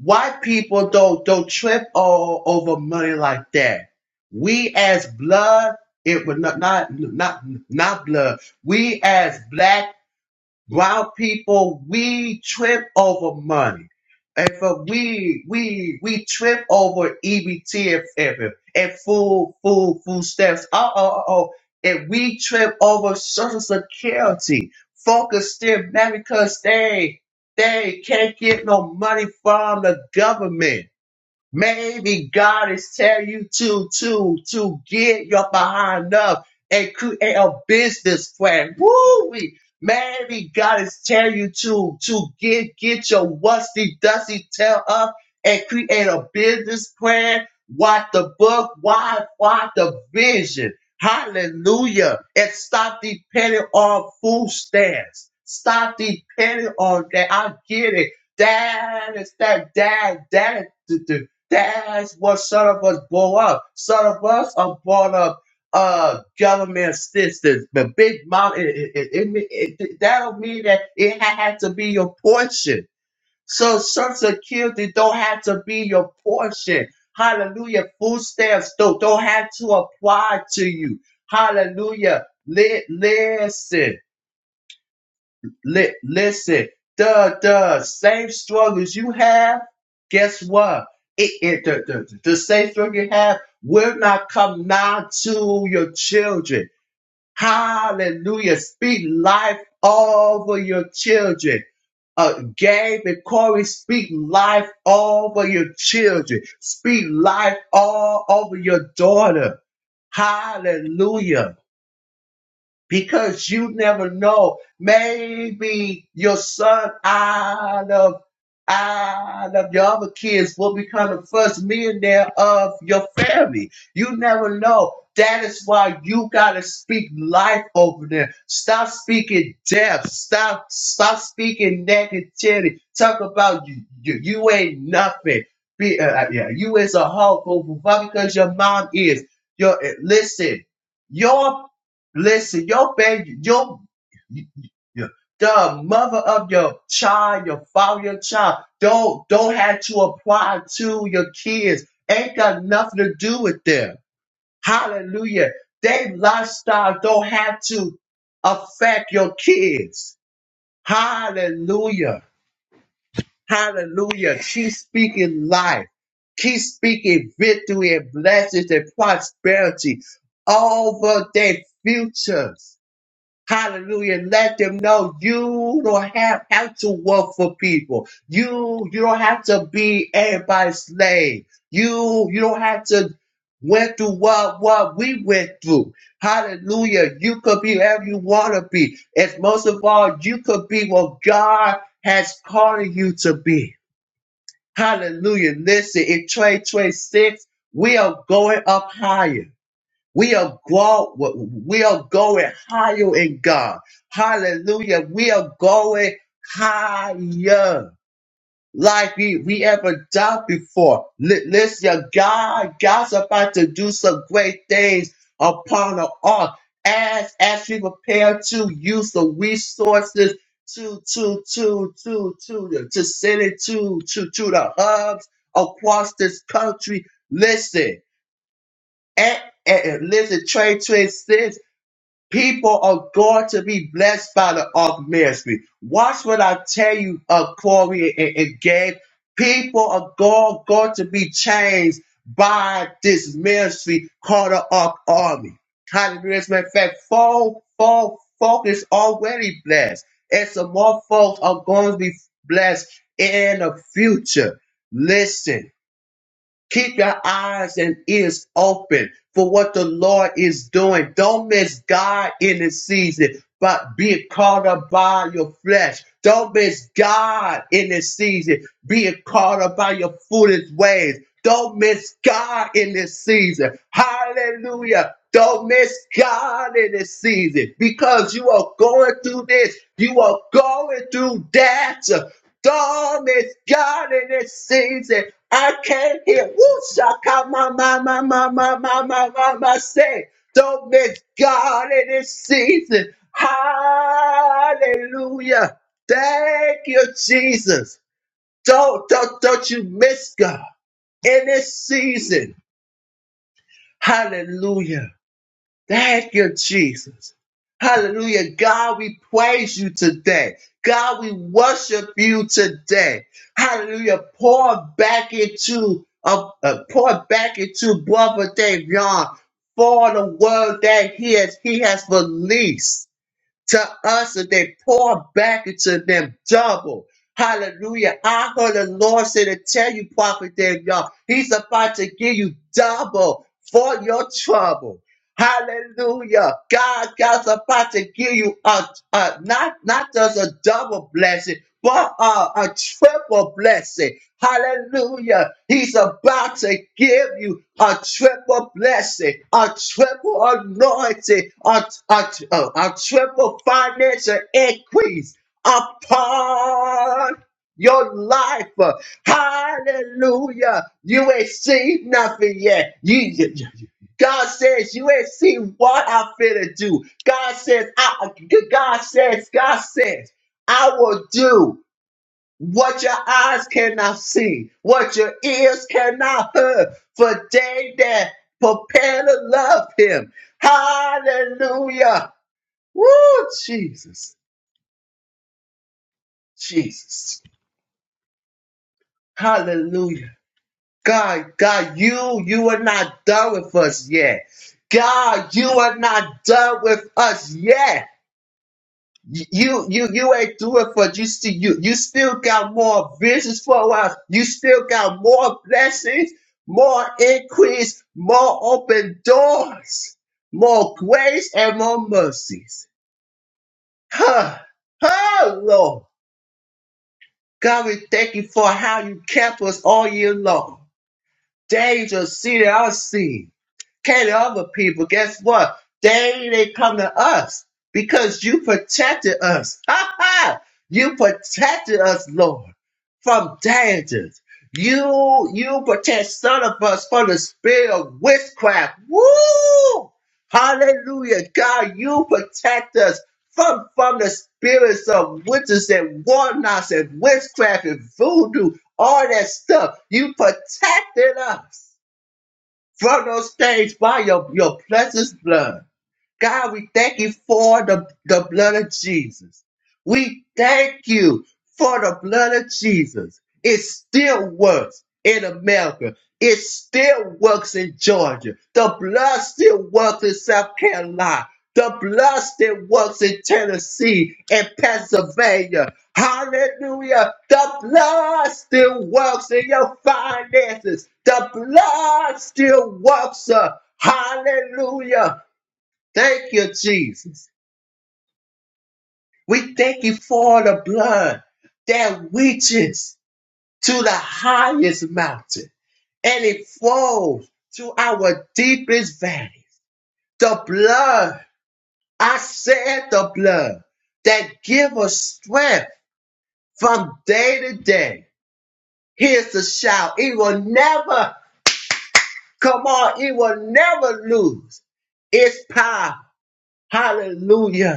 S2: White people don't don't trip all over money like that. We as blood, it would not not not not blood. We as black Brown people, we trip over money. And for we, we, we trip over EBT and, and, and full, full, full steps. Uh oh, uh oh. And we trip over Social Security. Focus still, mad because they, they can't get no money from the government. Maybe God is telling you to to to get your behind up and create a business plan. Woo! Maybe God is telling you to to get get your rusty dusty tail up and create a business plan. What the book? Why? Why the vision? Hallelujah! And stop depending on food stamps. Stop depending on that. I get it. That is that. That that. That's what some of us blow up. Some of us are brought up uh government assistance, the big mom. It, it, it, it, me- it- that don't mean that it ha- had to be your portion. So Social Security don't have to be your portion. Hallelujah. Food stamps don't, don't have to apply to you. Hallelujah. Li- listen. Li- listen, the the same struggles you have, guess what? It, it the, the, the same struggle you have will not come nigh to your children. Hallelujah. Speak life over your children. Uh, Gabe and Corey, speak life over your children. Speak life all over your daughter. Hallelujah because you never know. Maybe your son out of out of your other kids will become the first millionaire of your family. You never know. That is why you gotta speak life over them. Stop speaking death. Stop stop speaking negativity. Talk about you you, you ain't nothing. Be, uh, uh, yeah, you is a hulk over because your mom is. Your uh, listen. Your Listen, your baby, your the mother of your child, your father, your child, don't don't have to apply to your kids. Ain't got nothing to do with them. Hallelujah. They lifestyle don't have to affect your kids. Hallelujah. Hallelujah. Keep speaking life. Keep speaking victory and blessings and prosperity over their futures. Hallelujah. Let them know you don't have, have to work for people. You you don't have to be everybody's slave. You you don't have to went through what what we went through. Hallelujah. You could be whoever you want to be. And most of all, you could be what God has called you to be. Hallelujah. Listen, in 2026, we are going up higher. We are grow, we are going higher in God. Hallelujah. We are going higher. Like we, we ever done before. Li- Listen, God, God's about to do some great things upon the earth as, as we prepare to use the resources to, to, to, to, to, to send it to, to, to the hubs across this country. Listen, and, and listen, Trey Trey says people are going to be blessed by the Ark ministry. Watch what I tell you, uh, Corey and, and Gabe. People are going, going to be changed by this ministry called the Ark Army. Hallelujah. Matter of fact, folk, folk, folk is already blessed. And some more folks are going to be blessed in the future. Listen. Keep your eyes and ears open for what the Lord is doing. Don't miss God in this season, but be caught up by your flesh. Don't miss God in this season, being caught up by your foolish ways. Don't miss God in this season. Hallelujah. Don't miss God in this season because you are going through this. You are going through that storm is God in this season. I can't hear. Woo, shaka, ma, ma, ma, ma, ma, ma, ma, ma, ma, say. Don't miss God in this season. Hallelujah. Thank you, Jesus. Don't, don't, don't you miss God in this season. Hallelujah. Thank you, Jesus. Hallelujah. God, we praise you today. God, we worship you today. Hallelujah. Pour back into uh, uh, pour back into Brother Davion for the word that he has he has released to us today. Pour back into them double. Hallelujah. I heard the Lord say to tell you, Prophet Davion, he's about to give you double for your trouble. Hallelujah. God, God's about to give you a, a not not just a double blessing, but a, a triple blessing. Hallelujah. He's about to give you a triple blessing, a triple anointing, a, a, a, a triple financial increase upon your life. Hallelujah. You ain't seen nothing yet. You, God says, you ain't seen what I finna do. God says, I, God says, God says, I will do what your eyes cannot see, what your ears cannot hear, for they that prepare to love him. Hallelujah. Woo, Jesus, Jesus. Hallelujah. God, God, you, you are not done with us yet. God, you are not done with us yet. You you you ain't do it for just to you you still got more visions for us. You still got more blessings, more increase, more open doors, more grace and more mercies. Huh. Huh, Lord. God, we thank you for how you kept us all year long. Danger seen and unseen. Can to other people. Guess what? They they come to us because you protected us. <laughs> Ha ha! You protected us, Lord, from dangers. You you protect some of us from the spirit of witchcraft. Woo! Hallelujah, God! You protect us from from the spirits of witches and warlocks and witchcraft and voodoo, all that stuff. You protected us from those stage by your, your precious blood. God, we thank you for the, the blood of Jesus. We thank you for the blood of Jesus. It still works in America. It still works in Georgia. The blood still works in South Carolina. The blood still works in Tennessee and Pennsylvania. Hallelujah. The blood still works in your finances. The blood still works. uh, Hallelujah. Thank you, Jesus. We thank you for the blood that reaches to the highest mountain and it flows to our deepest valleys. The blood, I said the blood that give us strength from day to day. Here's the shout. It will never, come on, it will never lose its power. Hallelujah.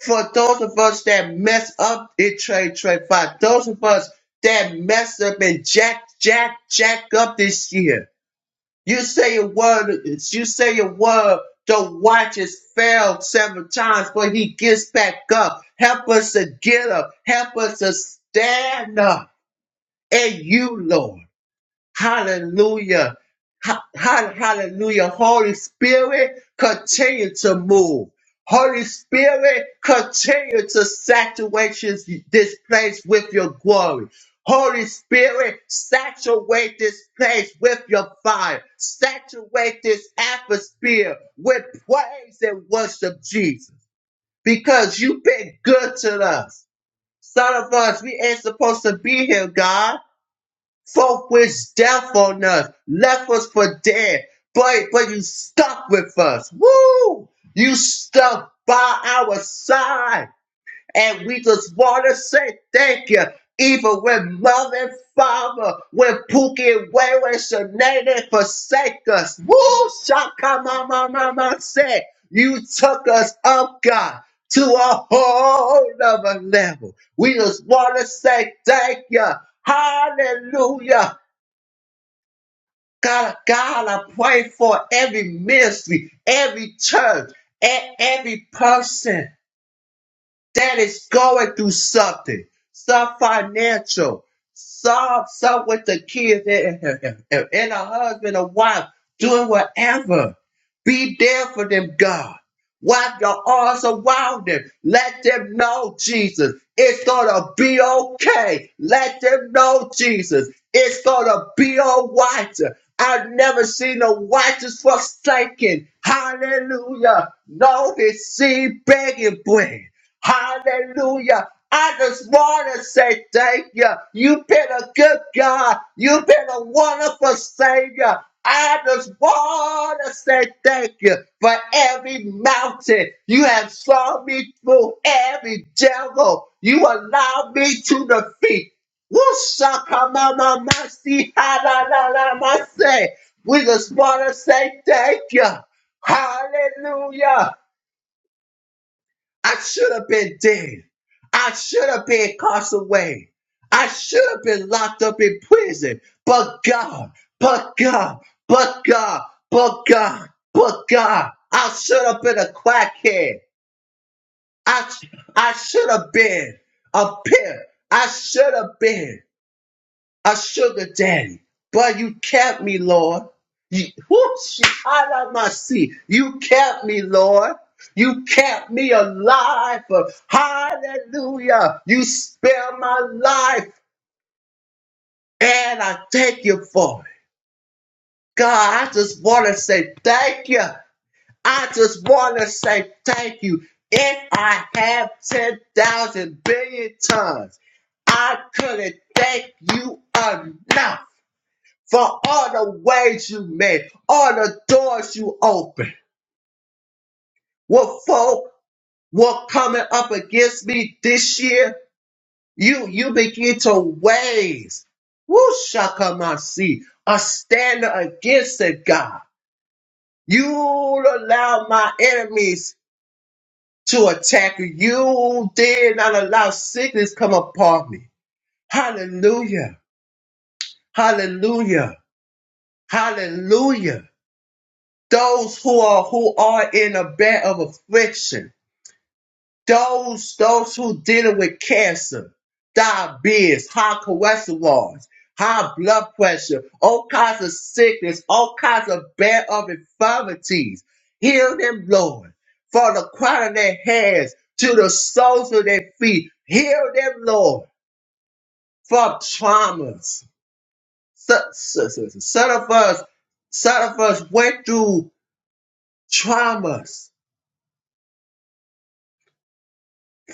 S2: for those of us that mess up in trade trade five, those of us that mess up and jack jack jack up this year. You say your word you say your word the watches failed seven times, but he gets back up. Help us to get up. Help us to stand up. And you, Lord. Hallelujah. Ha- ha- Hallelujah. Holy Spirit, continue to move. Holy Spirit, continue to saturate this this place with your glory. Holy Spirit, saturate this place with your fire. Saturate this atmosphere with praise and worship, Jesus, because you've been good to us. Some of us, we ain't supposed to be here, God for which death on us left us for dead. But but you stuck with us. Woo! You stuck by our side. And we just want to say thank you. Even when mother and father, when Pookie and Wayway and Sinead they forsake us. Woo! Shaka mama mama said, you took us up, God, to a whole other level. We just want to say thank you. Hallelujah. God, God, I pray for every ministry, every church, e- every person that is going through something, some financial, some some with the kids and, and, and and a husband or wife doing whatever. Be there for them, God. Wrap your arms around them. Let them know, Jesus, it's gonna be okay. Let them know, Jesus, it's gonna be all right. I've never seen a righteous forsaken. Hallelujah. No, they see begging bread. Hallelujah. I just want to say thank you. You've been a good God. You've been a wonderful Savior. I just want to say thank you for every mountain. You have saw me through every devil. You allowed me to defeat. Woo-shaka-ma-ma-ma-si-ha-la-la-la-ma-se. We just want to say thank you. Hallelujah. I should have been dead. I should have been incarcerated. I should have been locked up in prison. But God, but God, but God, but God, but God, I should have been a crackhead. I, I should have been a pimp. I should have been a sugar daddy. But you kept me, Lord. You, whoo, she- I love my seat. you kept me, Lord. You kept me alive. Hallelujah. You spared my life. And I thank you for it. God, I just want to say thank you. I just want to say thank you. If I have 10,000 billion tons, I couldn't thank you enough. for all the ways you made, all the doors you opened. What folk were coming up against me this year, you you begin to raise. Woo shakamasi, a standard against it, God. You allow my enemies to attack you. You did not allow sickness come upon me. Hallelujah. Hallelujah. Hallelujah. those who are who are in a bed of affliction, those those who dealing with cancer, diabetes, high cholesterol, high blood pressure, all kinds of sickness, all kinds of bed of infirmities. Heal them, Lord, from the crown of their heads to the soles of their feet. Heal them, Lord, from traumas. Some, some, some of us, some of us went through traumas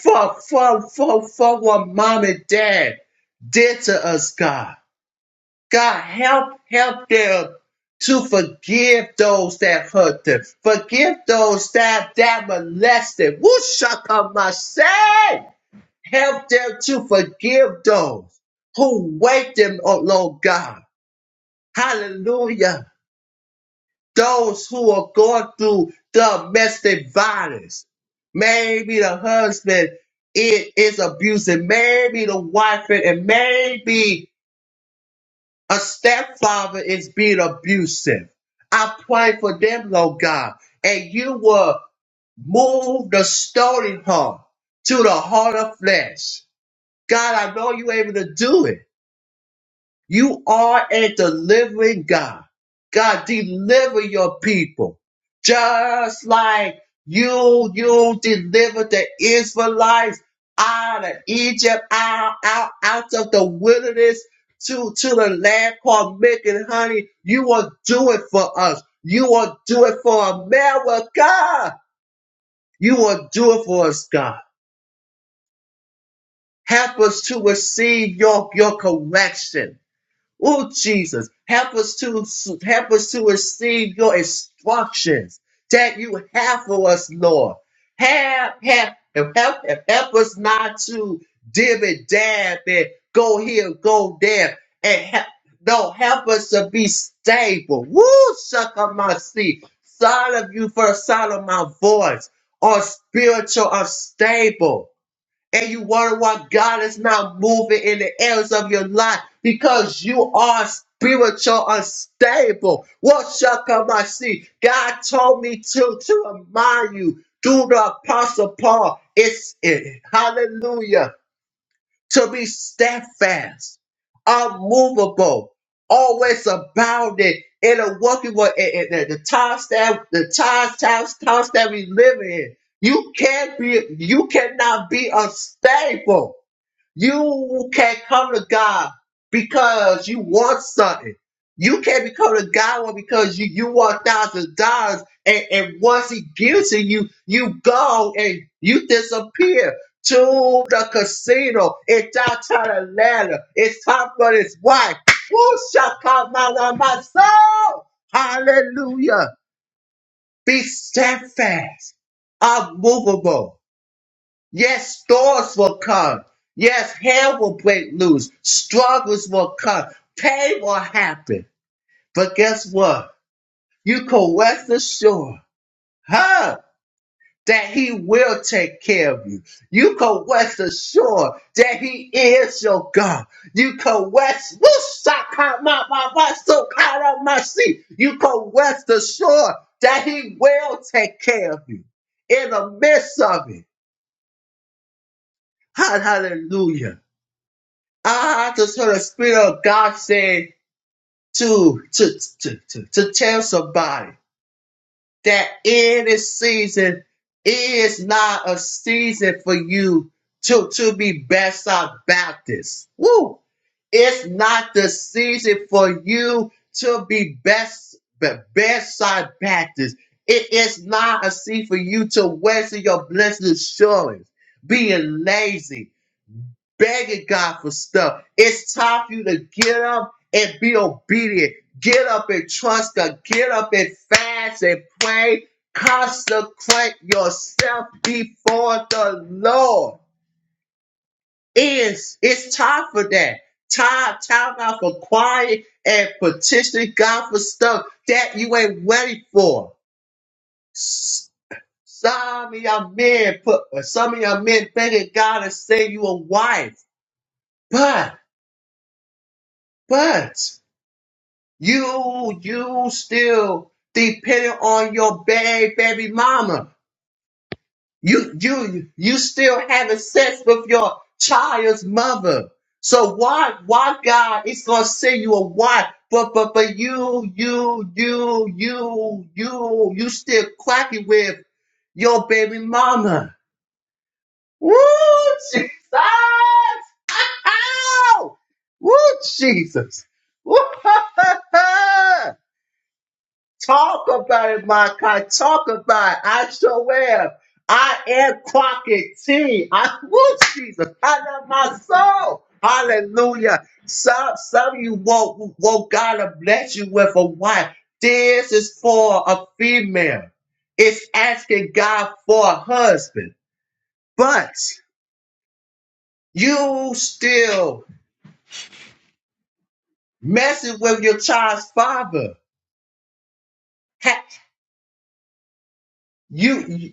S2: for, for, for, for what mom and dad did to us, God. God, help, help them to forgive those that hurt them. Forgive those that, that molested. Wushakamase! Help them to forgive those who wake them up, Lord God. Hallelujah those who are going through domestic violence. Maybe the husband i- is abusing, maybe the wife, and and maybe a stepfather is being abusive. I pray for them, Lord God, and you will move the stony heart to the heart of flesh. God, I know you're able to do it. You are a delivering God. God, deliver your people. Just like you, you delivered the Israelites out of Egypt, out, out, out of the wilderness to, to the land called milk and honey. You will do it for us. You will do it for America. You will do it for us, God. Help us to receive your, your correction. Oh Jesus, help us to help us to receive your instructions that you have for us, Lord. Help, help, help, help, help us not to dim and dab and go here, go there, and help. No, help us to be stable. Woo, suck on my seat. Sound of you for the sound of my voice. Or spiritual unstable and you wonder why God is not moving in the areas of your life because you are spiritual unstable. What shall come I see? God told me to, to remind you, do the apostle Paul. It's it. Hallelujah to be steadfast, unmovable, always abounding in a working world. In, in- in the times that the times, times, times that we live in, you can't be, you cannot be unstable. You can't come to God because you want something. You can't become to God because you, you want thousands of dollars and, and once he gives it you, you go and you disappear to the casino in downtown Atlanta. It's time for his wife. Who shall come out of my soul? Hallelujah. Be steadfast, unmovable Yes, storms will come. Yes, hell will break loose. Struggles will come. Pain will happen. But guess what? You can rest assured, huh? That he will take care of you. You can rest assured that he is your God. You can rest, Woo-shaka-ma-ma-ma-so-ka-ra-ma-si. you can rest assured that he will take care of you in the midst of it. Hallelujah. I just heard the Spirit of God saying to, to, to, to, to tell somebody that in this season is not a season for you to, to be Bedside Baptist. Woo! It's not the season for you to be best, be- Bedside Baptist. It is not a season for you to waste your blessed assurance, being lazy, begging God for stuff. It's time for you to get up and be obedient. Get up and trust God. Get up and fast and pray. Consecrate yourself before the Lord. It's, it's time for that. Time, time out for quiet and petitioning God for stuff that you ain't ready for. S- Some of y'all men put, some of y'all men begging God to send you a wife, but, but You, you still depending on your baby, baby mama. You, you, you still having sex with your child's mother. So why, why God is gonna send you a wife, but, but, but you, you, you, you, you, you still quacking with your baby mama. Woo, Jesus! Ow! Woo, Jesus! Woo! <laughs> Talk about it, Malachi. Talk about it. I sure am. I am Crockett T. I woo Jesus. I love my soul. Hallelujah. Some some of you won't won't God to bless you with a wife. This is for a female. It's asking God for a husband. But you still messing with your child's father. Ha- You, you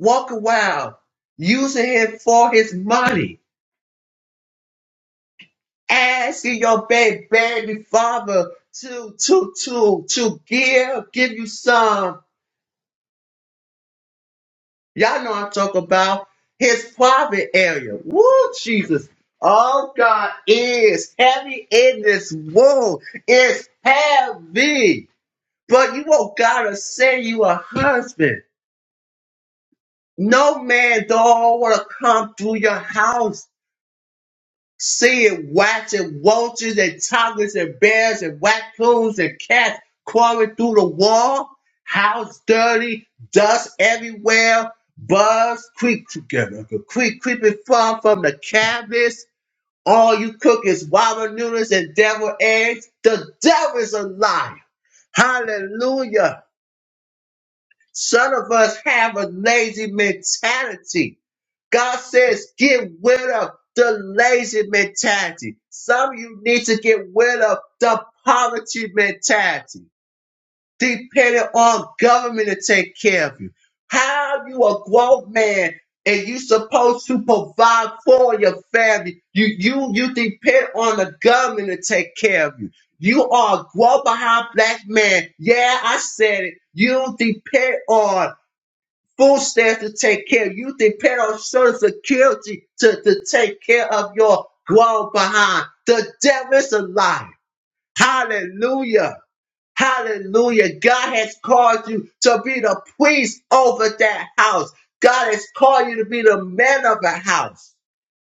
S2: walk around using him for his money asking your baby, baby father to to to to give give you some. Y'all know I'm talking about his private area. Woo, Jesus. Oh God is heavy in this world. It's heavy. But you won't gotta send you a husband. No man don't wanna come through your house seeing rats and roaches and tigers and bears and raccoons and cats crawling through the wall, house dirty, dust everywhere, bugs creep together, creep creeping from from the cabinets. All you cook is ramen noodles and devil eggs. The devil is a liar. Hallelujah. Some of us have a lazy mentality. God says, get rid of the lazy mentality. Some of you need to get rid of the poverty mentality, depending on government to take care of you. How you a grown man and you supposed to provide for your family. You you you depend on the government to take care of you. You are a grown behind black man. Yeah, I said it. You depend on full staff to take care. You depend on social security to, to take care of your grown behind. The devil is alive. Hallelujah. Hallelujah. God has called you to be the priest over that house. God has called you to be the man of the house.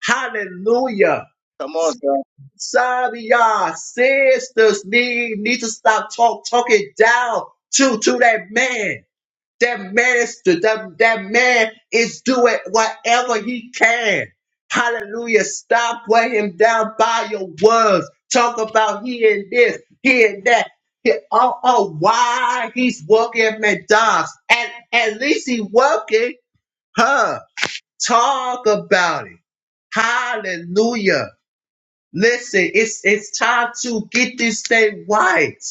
S2: Hallelujah.
S1: Come on, sir.
S2: Sorry, y'all. Sisters need, need to stop talk, talking down to, to that man. That minister, that, that man is doing whatever he can. Hallelujah. Stop weighing him down by your words. Talk about he and this, he and that. He, oh, oh, why he's working at McDonald's. At, at least he working, huh? Talk about it. Hallelujah. Listen, it's it's time to get this thing right.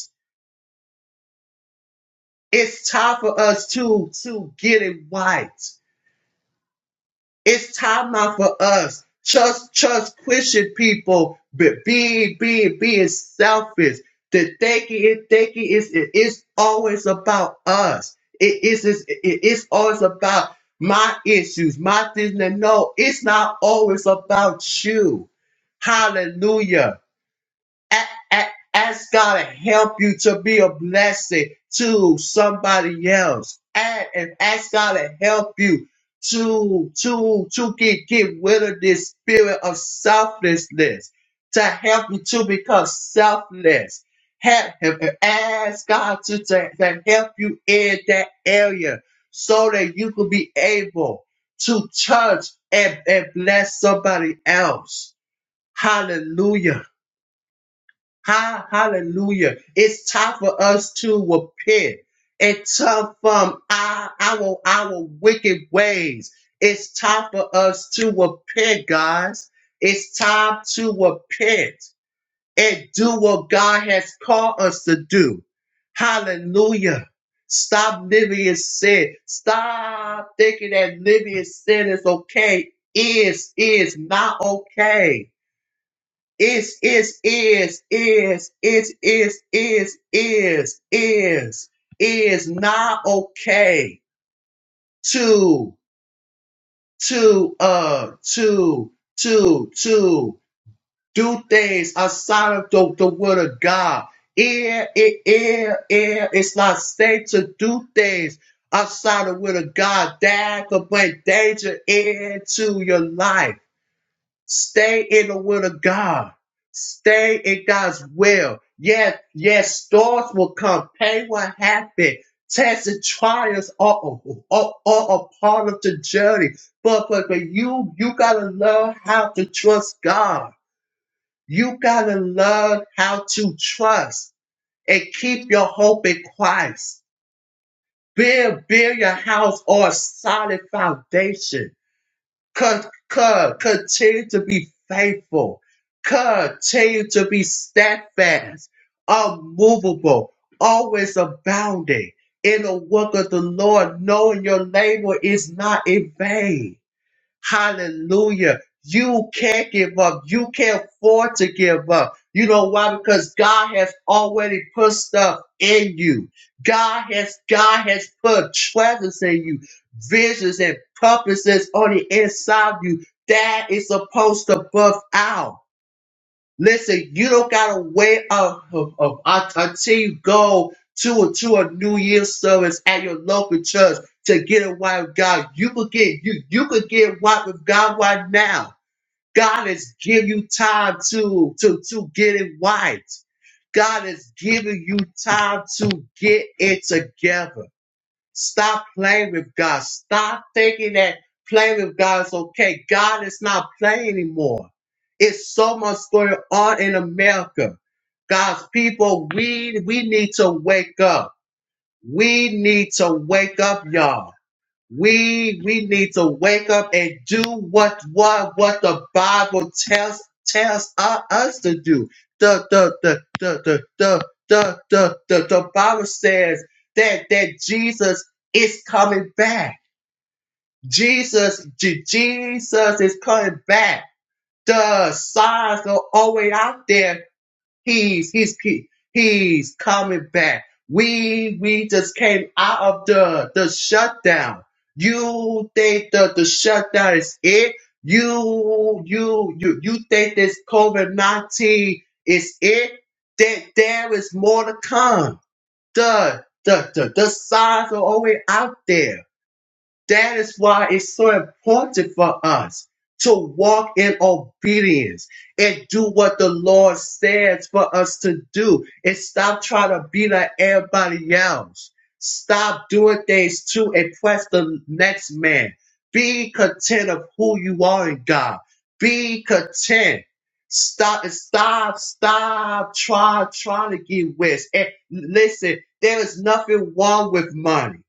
S2: It's time for us to to get it right. It's time out for us. Just, just Christian people be being, being, being selfish. The thinking, it thinking is it is always about us. It is is- it is always about my issues, my things. no, it's not always about you. Hallelujah. A- a- Ask God to help you to be a blessing to somebody else. And, and ask God to help you to to to get get rid of this spirit of selflessness. To help you to become selfless. Help him and ask God to, to, to help you in that area so that you can be able to touch and, and bless somebody else. Hallelujah. Ha, hallelujah. It's time for us to repent and turn from our, our, our wicked ways. It's time for us to repent, guys. It's time to repent and do what God has called us to do. Hallelujah. Stop living in sin. Stop thinking that living in sin is okay. Is is not okay is is is is is is is is is is not okay to to uh to to to do things outside of the, the word of God. It it, it it it's not safe to do things outside of the word of God. That could bring danger into your life. Stay in the will of God. Stay in God's will. Yes, yes, storms will come. Pain will happen. Tests and trials are, are, are a part of the journey. But, but, but you, you gotta learn how to trust God. You gotta learn how to trust and keep your hope in Christ. Build, build your house on a solid foundation Con- con- continue to be faithful. Continue to be steadfast, unmovable, always abounding in the work of the Lord, knowing your labor is not in vain. Hallelujah. You can't give up. You can't afford to give up. You know why? Because God has already put stuff in you. God has God has put treasures in you, visions and purposes on the inside of you that is supposed to birth out. Listen, you don't gotta wait up up- up until you go to a, to a New Year's service at your local church to get a wife with God. You could get you you could get right with God right now. God is giving you time to to to get it right. God is giving you time to get it together. Stop playing with God. Stop thinking that playing with God is okay. God is not playing anymore. It's so much going on in America. God's people, we we need to wake up. We need to wake up, y'all. We we need to wake up and do what what what the Bible tells tells u- us to do. The the the the the the the the, the, the Bible says that that Jesus is coming back. Jesus j Jesus is coming back. The signs are always out there He's he's he, he's coming back. We we just came out of the the shutdown. You think the the shutdown is it? You you you you think this COVID nineteen is it? That there is more to come. The the the, the signs are always out there that is why it's so important for us to walk in obedience and do what the Lord says for us to do and stop trying to be like everybody else. Stop doing things to impress the next man. Be content of who you are in God. Be content. Stop and stop, stop, try, trying to get rich. And listen, there is nothing wrong with money.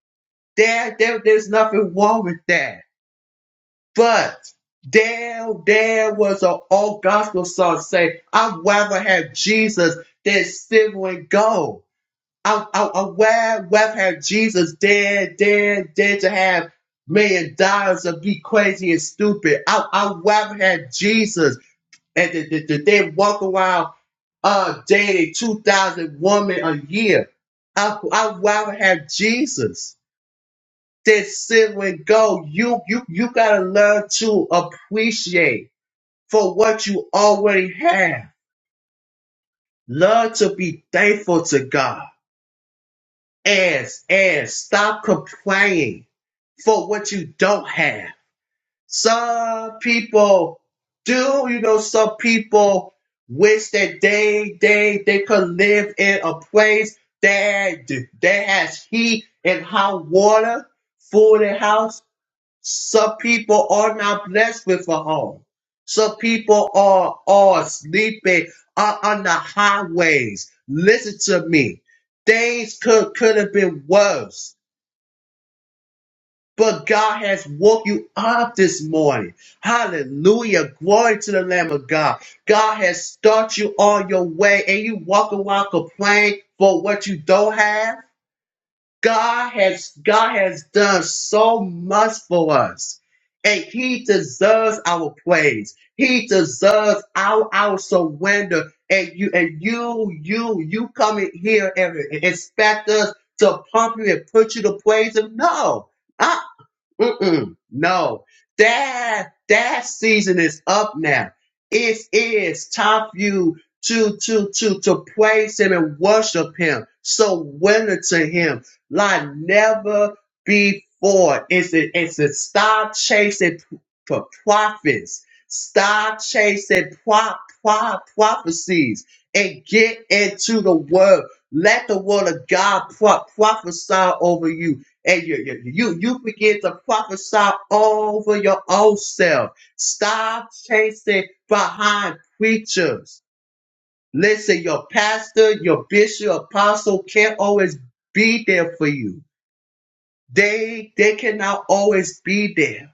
S2: There, there, there's nothing wrong with that. But there, there was an old gospel song saying, I'd rather have Jesus than silver and gold. I, I, I'd rather rather have Jesus than, than, than to have million dollars and be crazy and stupid. I, I'd rather have Jesus and to, to, to then walk around uh, dating 2,000 women a year. I, I'd rather have Jesus that sit with go. You you you gotta learn to appreciate for what you already have. Learn to be thankful to God. And and stop complaining for what you don't have. Some people do, you know, some people wish that they they they could live in a place that that has heat and hot water, food and house Some people are not blessed with a home. Some people are are sleeping are on the highways. Listen to me. Things could could have been worse. But God has woke you up this morning. Hallelujah. Glory to the Lamb of God. God has started you on your way and you walk around complaining for what you don't have. God has God has done so much for us. And he deserves our praise. He deserves our our surrender. And you and you you you come in here and expect us to pump you and put you to praise him. No. Uh-uh. Mm-mm. No, that that season is up now. It is time for you to to to to praise Him and worship Him. Surrender to Him like never before. It's it, it's a stop chasing p- for prophets. Stop chasing pro, pro, prophecies and get into the word. Let the word of God pro, prophesy over you and you, you you you begin to prophesy over your own self. Stop chasing behind preachers. Listen, your pastor, your bishop, apostle can't always be there for you. They they cannot always be there.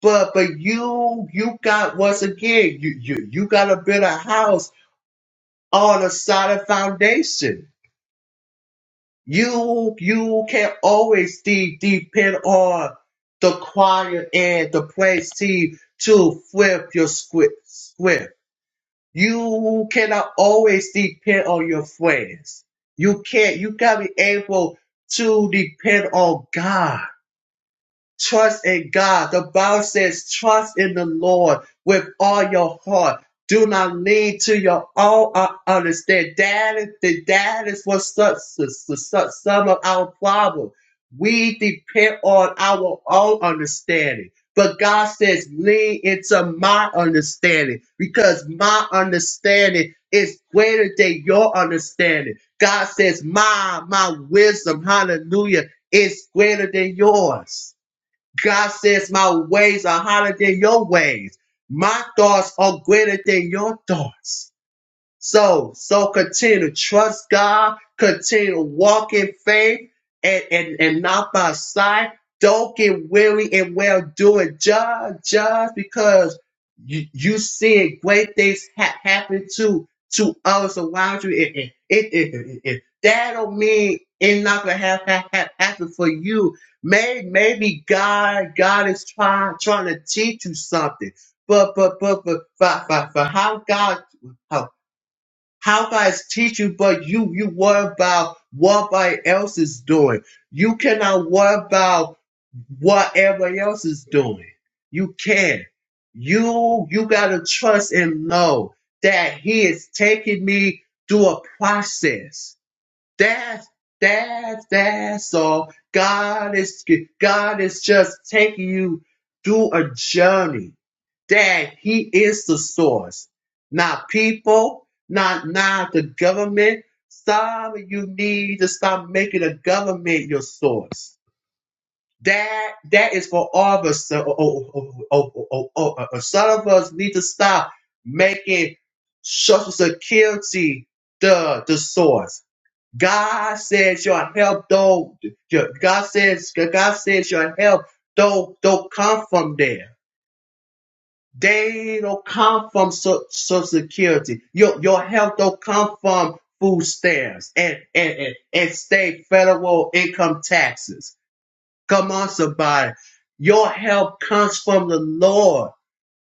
S2: But but you you got once again you you you got to build a house on a solid foundation You you can always de- depend on the choir and the praise team to flip your script. script. You cannot always depend on your friends. You can't. You gotta be able to depend on God. Trust in God. The Bible says, trust in the Lord with all your heart. Do not lean to your own uh, understanding. That is, the- that is what starts some of our problem. We depend on our own understanding. But God says, lean into my understanding because my understanding is greater than your understanding. God says, my, my wisdom, hallelujah, is greater than yours. God says, My ways are higher than your ways. My thoughts are greater than your thoughts. So, so continue to trust God, continue to walk in faith and, and, and not by sight. Don't get weary and well doing just, just because you, you seeing great things ha- happen to, to others around you. It, it, it, it, it, it- that don't mean it's not gonna have, have, have happen for you. May, maybe God, God is trying, trying to teach you something. But, but, but, but, but, but, but how God how guys teach you, but you you worry about what everybody else is doing. You cannot worry about what everybody else is doing. You can. You you gotta trust and know that he is taking me through a process. That's that's that's all. God is God is just taking you through a journey. Dad, he is the source, not people, not not the government. Some of you need to stop making the government your source. That that is for all of us. Oh, oh, oh, oh, oh, oh, oh, oh, oh. Some of us need to stop making Social Security the the source. God says your help don't. Your, God says God says your help don't don't come from there. They don't come from so- Social Security. Your your health don't come from food stamps and, and, and, and state federal income taxes. Come on, somebody. Your help comes from the Lord,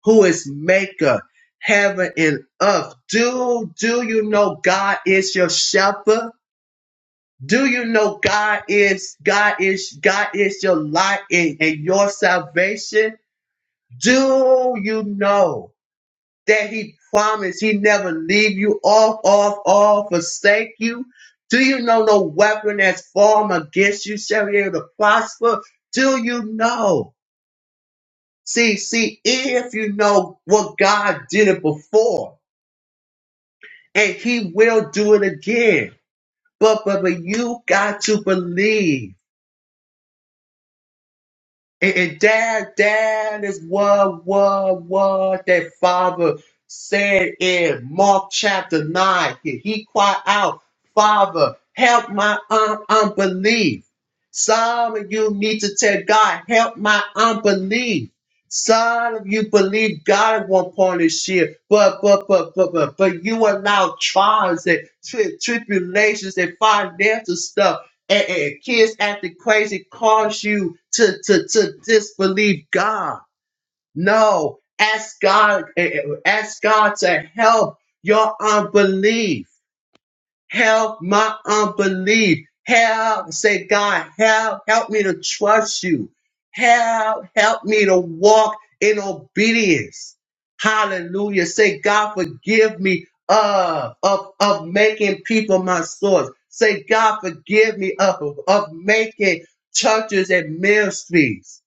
S2: who is maker, heaven and earth. Do do you know God is your shepherd? Do you know God is God is God is your light and, and your salvation? Do you know? that he promised he never leave you off, off, off, forsake you? Do you know no weapon that's formed against you shall be able to prosper? Do you know? See, see, if you know what God did it before, and he will do it again. But but but you got to believe. And, and dad, dad is what, what, what that father said in Mark chapter 9. He, he cried out, Father, help my un- unbelief. Some of you need to tell God, help my unbelief. Some of you believe God at one point this year, but but but but but, but you allow trials and tri- tribulations and financial stuff and, and kids acting crazy cause you to, to, to disbelieve God. No, ask God, eh, eh, ask God to help your unbelief. Help my unbelief. Help, say God, help, help me to trust you. Help, help me to walk in obedience. Hallelujah. Say God, forgive me of, of, of making people my source. Say God, forgive me of, of making churches and ministries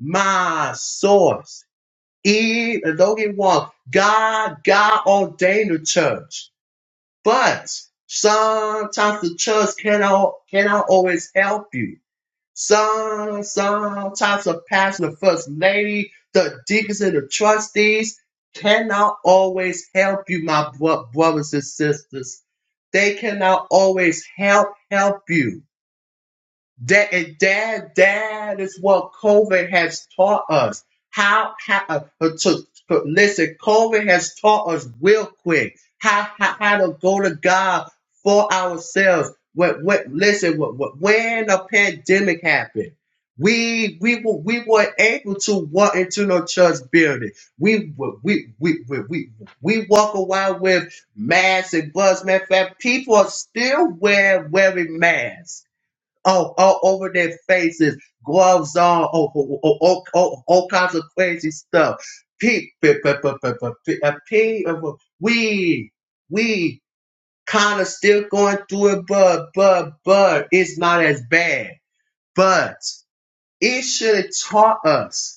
S2: my source. E, don't get wrong. God, God ordained the church. But sometimes the church cannot cannot always help you. Some sometimes the pastor, the first lady, the deacons, and the trustees cannot always help you, my bro- brothers and sisters. They cannot always help help you. That and that that is what COVID has taught us. How how uh, uh, to, to- listen? COVID has taught us real quick how how, how to go to God for ourselves. What what? Listen, what, what, when a pandemic happened. We we were we were able to walk into no church building. We were- we we we we, we walk around with masks and gloves. Matter of fact, people are still wearing wearing masks all, all over their faces, gloves on, all, all, all, all, all all kinds of crazy stuff. P, p, p, p, p, p, p, p, we, we kind of still going through it, but, but, but it's not as bad. But it should have taught us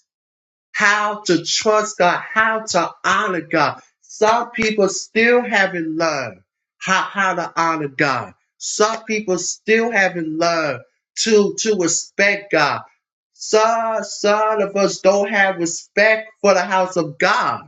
S2: how to trust God, how to honor God. Some people still haven't learned how, how to honor God. Some people still haven't learned to, to respect God. Some, some of us don't have respect for the house of God.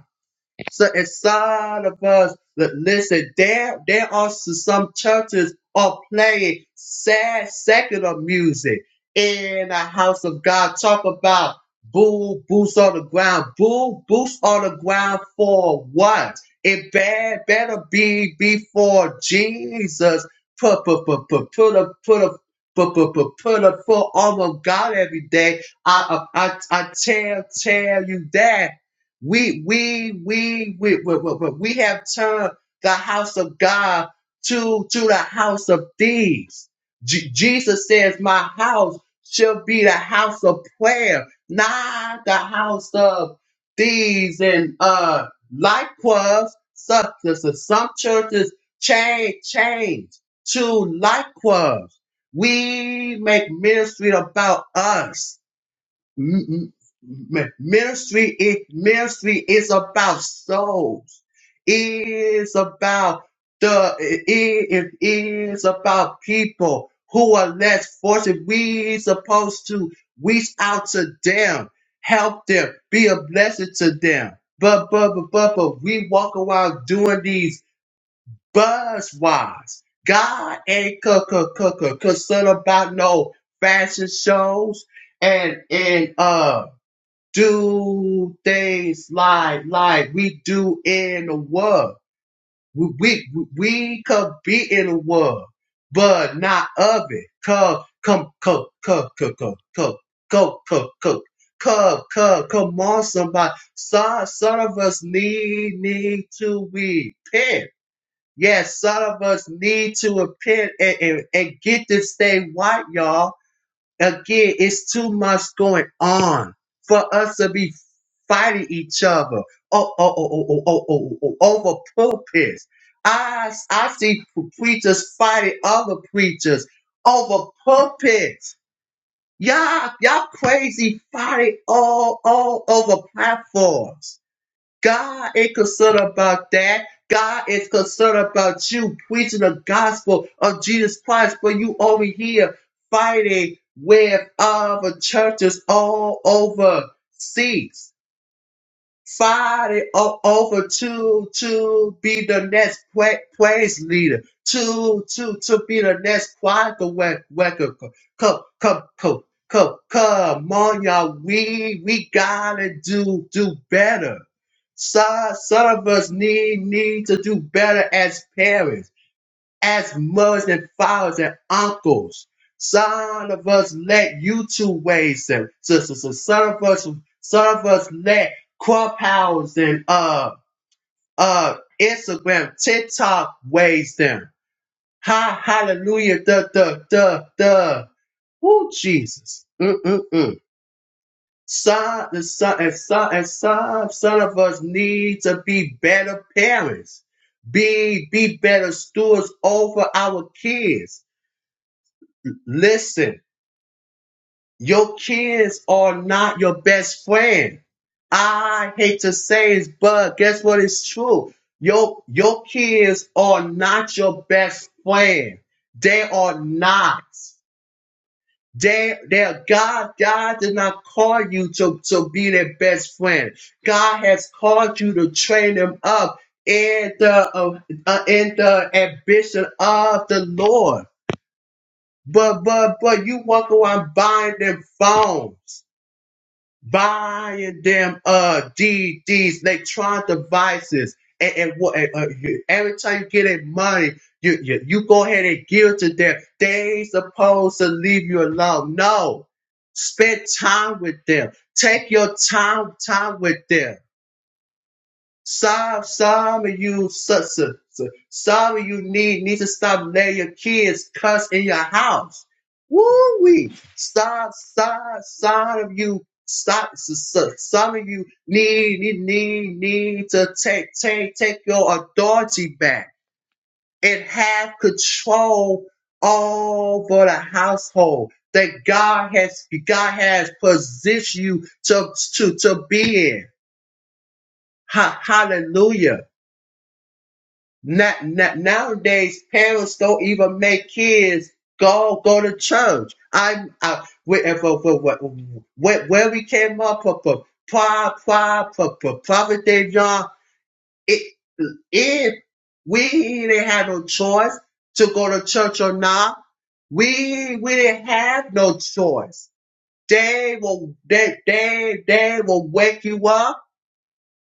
S2: So inside of us, li- listen, there there are s- some churches are playing sad secular music in the house of God. Talk about boo boots on the ground. Boo boots on the ground for what? It bad better be before Jesus put put put put put a put a put put put put a full arm of God every day. I I I I tell tell you that. We we we we we, we, we have turned the house of God to to the house of thieves. Je- Jesus says, "My house shall be the house of prayer, not the house of thieves." And uh, likewise, some, some churches change change to likewise. We make ministry about us M- m- m- ministry is ministry is about souls It is about the it. it is about people who are less fortunate we supposed to reach out to them help them be a blessing to them but but but but, but we walk around doing these buzzwords god ain't c- c- c- c- concerned about no fashion shows and and uh do things like like we do in the world. We we, we could be in the world, but not of it. Come come come come come come come come come come come come come on somebody. Some some of us need need to repent. Yes, some of us need to repent and, and, and get this thing right, y'all Again, it's too much going on for us to be fighting each other. Oh, oh, oh, oh, oh, oh, oh, oh, oh, over pulpits. I, I see preachers fighting other preachers over pulpits. Y'all, y'all crazy fighting all, all over platforms. God ain't concerned about that. God is concerned about you preaching the gospel of Jesus Christ, but you over here fighting with other churches all over seas. Friday o- over to to be the next pra- praise leader, to to to be the next choir record. Come come come come come on, y'all. We we gotta do do better. Some some of us need need to do better as parents as mothers and fathers and uncles. some of us, let YouTube waves and sisters. so, some of us, some of us, let Clubhouse and uh uh Instagram, TikTok waves them. Ha hallelujah, the the the the. Woo Jesus. Mm-mm-mm. Son, the son, and son, and son, son of us need to be better parents. Be be better stewards over our kids Listen, your kids are not your best friend. I hate to say it, but guess what? It's true. Your your kids are not your best friend. They are not. They they are God God did not call you to, to be their best friend. God has called you to train them up in the uh, uh, in the ambition of the Lord. But but but you walk around buying them phones, buying them uh D DDs, electronic devices, and, and what? and, uh, you- every time you get that money, you, you you go ahead and give it to them. They ain't supposed to leave you alone. No, spend time with them. Take your time time with them some, some of you, so- so- so- some of you need need to stop letting your kids cuss in your house. Woo wee! Stop, stop, some of you, stop. so- so- Some of you need need need need to take take take your authority back and have control over the household that God has God has positioned you to to to be in. Ha, hallelujah. Not, not nowadays, parents don't even make kids go go to church. I, I we, if, if, if, where, where we came up from, from pri pri from, from Providence, all It, if we didn't have no choice to go to church or not, we we didn't have no choice. They will they they they will wake you up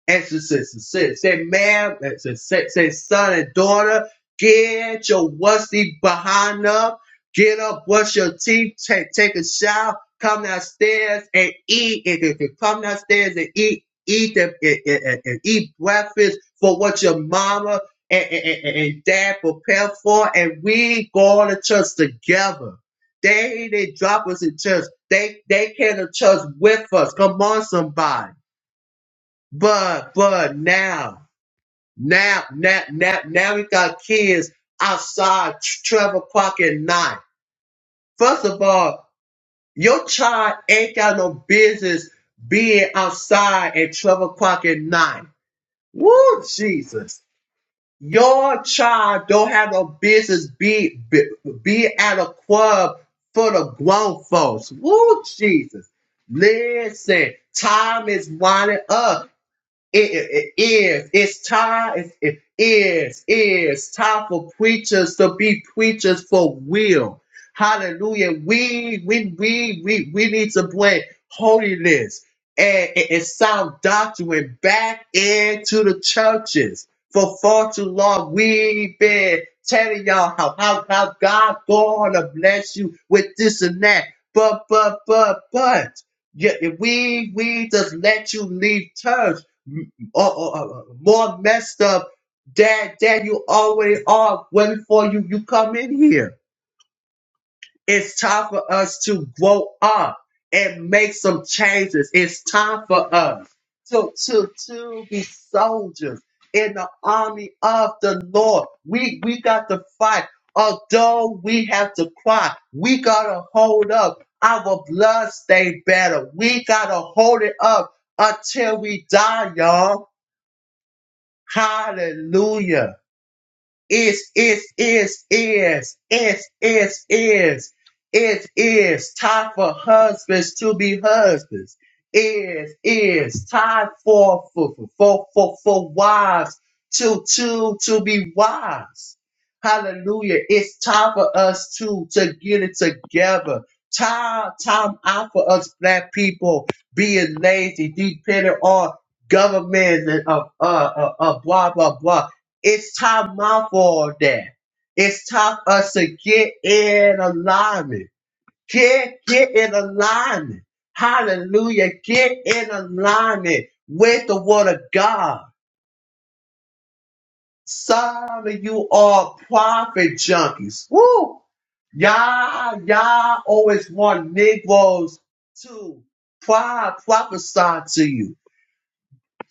S2: Exorcist and said, "Say, ma'am, and say, say, son and daughter, get your wussy behind up, get up, brush your teeth, take, take a shower, come downstairs and eat. And if you come downstairs and eat, eat them and, and- and eat breakfast for what your mama and, and, and and dad prepared for, and we go on to church together. They didn't drop us in church. They they came to church with us. Come on, somebody. But but now, now, now, now, now we got kids outside 12 o'clock at night. First of all, your child ain't got no business being outside at 12 o'clock at night. Woo, Jesus. Your child don't have no business be, be, be at a club for the grown folks. Woo, Jesus. Listen, time is winding up. it, it is. It's time. It, it is. It's time for preachers to be preachers for real. Hallelujah. We we we we we need to bring holiness and, and, and sound doctrine back into the churches. For far too long, we've been telling y'all how how, how God gonna bless you with this and that. But but but but yeah, we we just let you leave church or, or, or more messed up than than you already are way before you you come in here. It's time for us to grow up and make some changes. It's time for us to to to be soldiers in the army of the Lord. We we got to fight. Although we have to cry, we gotta hold up. Our blood stay better. We gotta hold it up until we die, y'all. Hallelujah is, is, is, is, is, is, is. It is time for husbands to be husbands. It is time for, for, for, for, for wives to, to, to be wives. Hallelujah. It's time for us to, to get it together. Time, time out for us black people being lazy, depending on government and uh, uh, uh, uh, blah, blah, blah. It's time my for that. It's time us to get in alignment. Get get in alignment. Hallelujah. Get in alignment with the word of God. Some of you are prophet junkies. Woo! Y'all, y'all always want Negroes to pro- prophesy to you.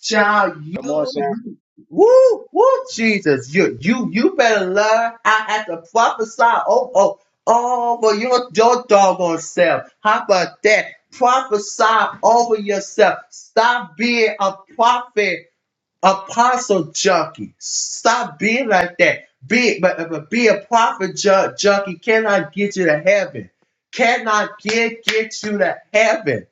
S2: Child, you,
S1: Come on, sir.
S2: you- woo, woo, Jesus, you, you, you better learn. I had to prophesy over, over over your, your doggone self. How about that? Prophesy over yourself. Stop being a prophet, apostle junkie. Stop being like that. Be, but, but be a prophet ju- junkie cannot get you to heaven. Cannot get, get you to heaven.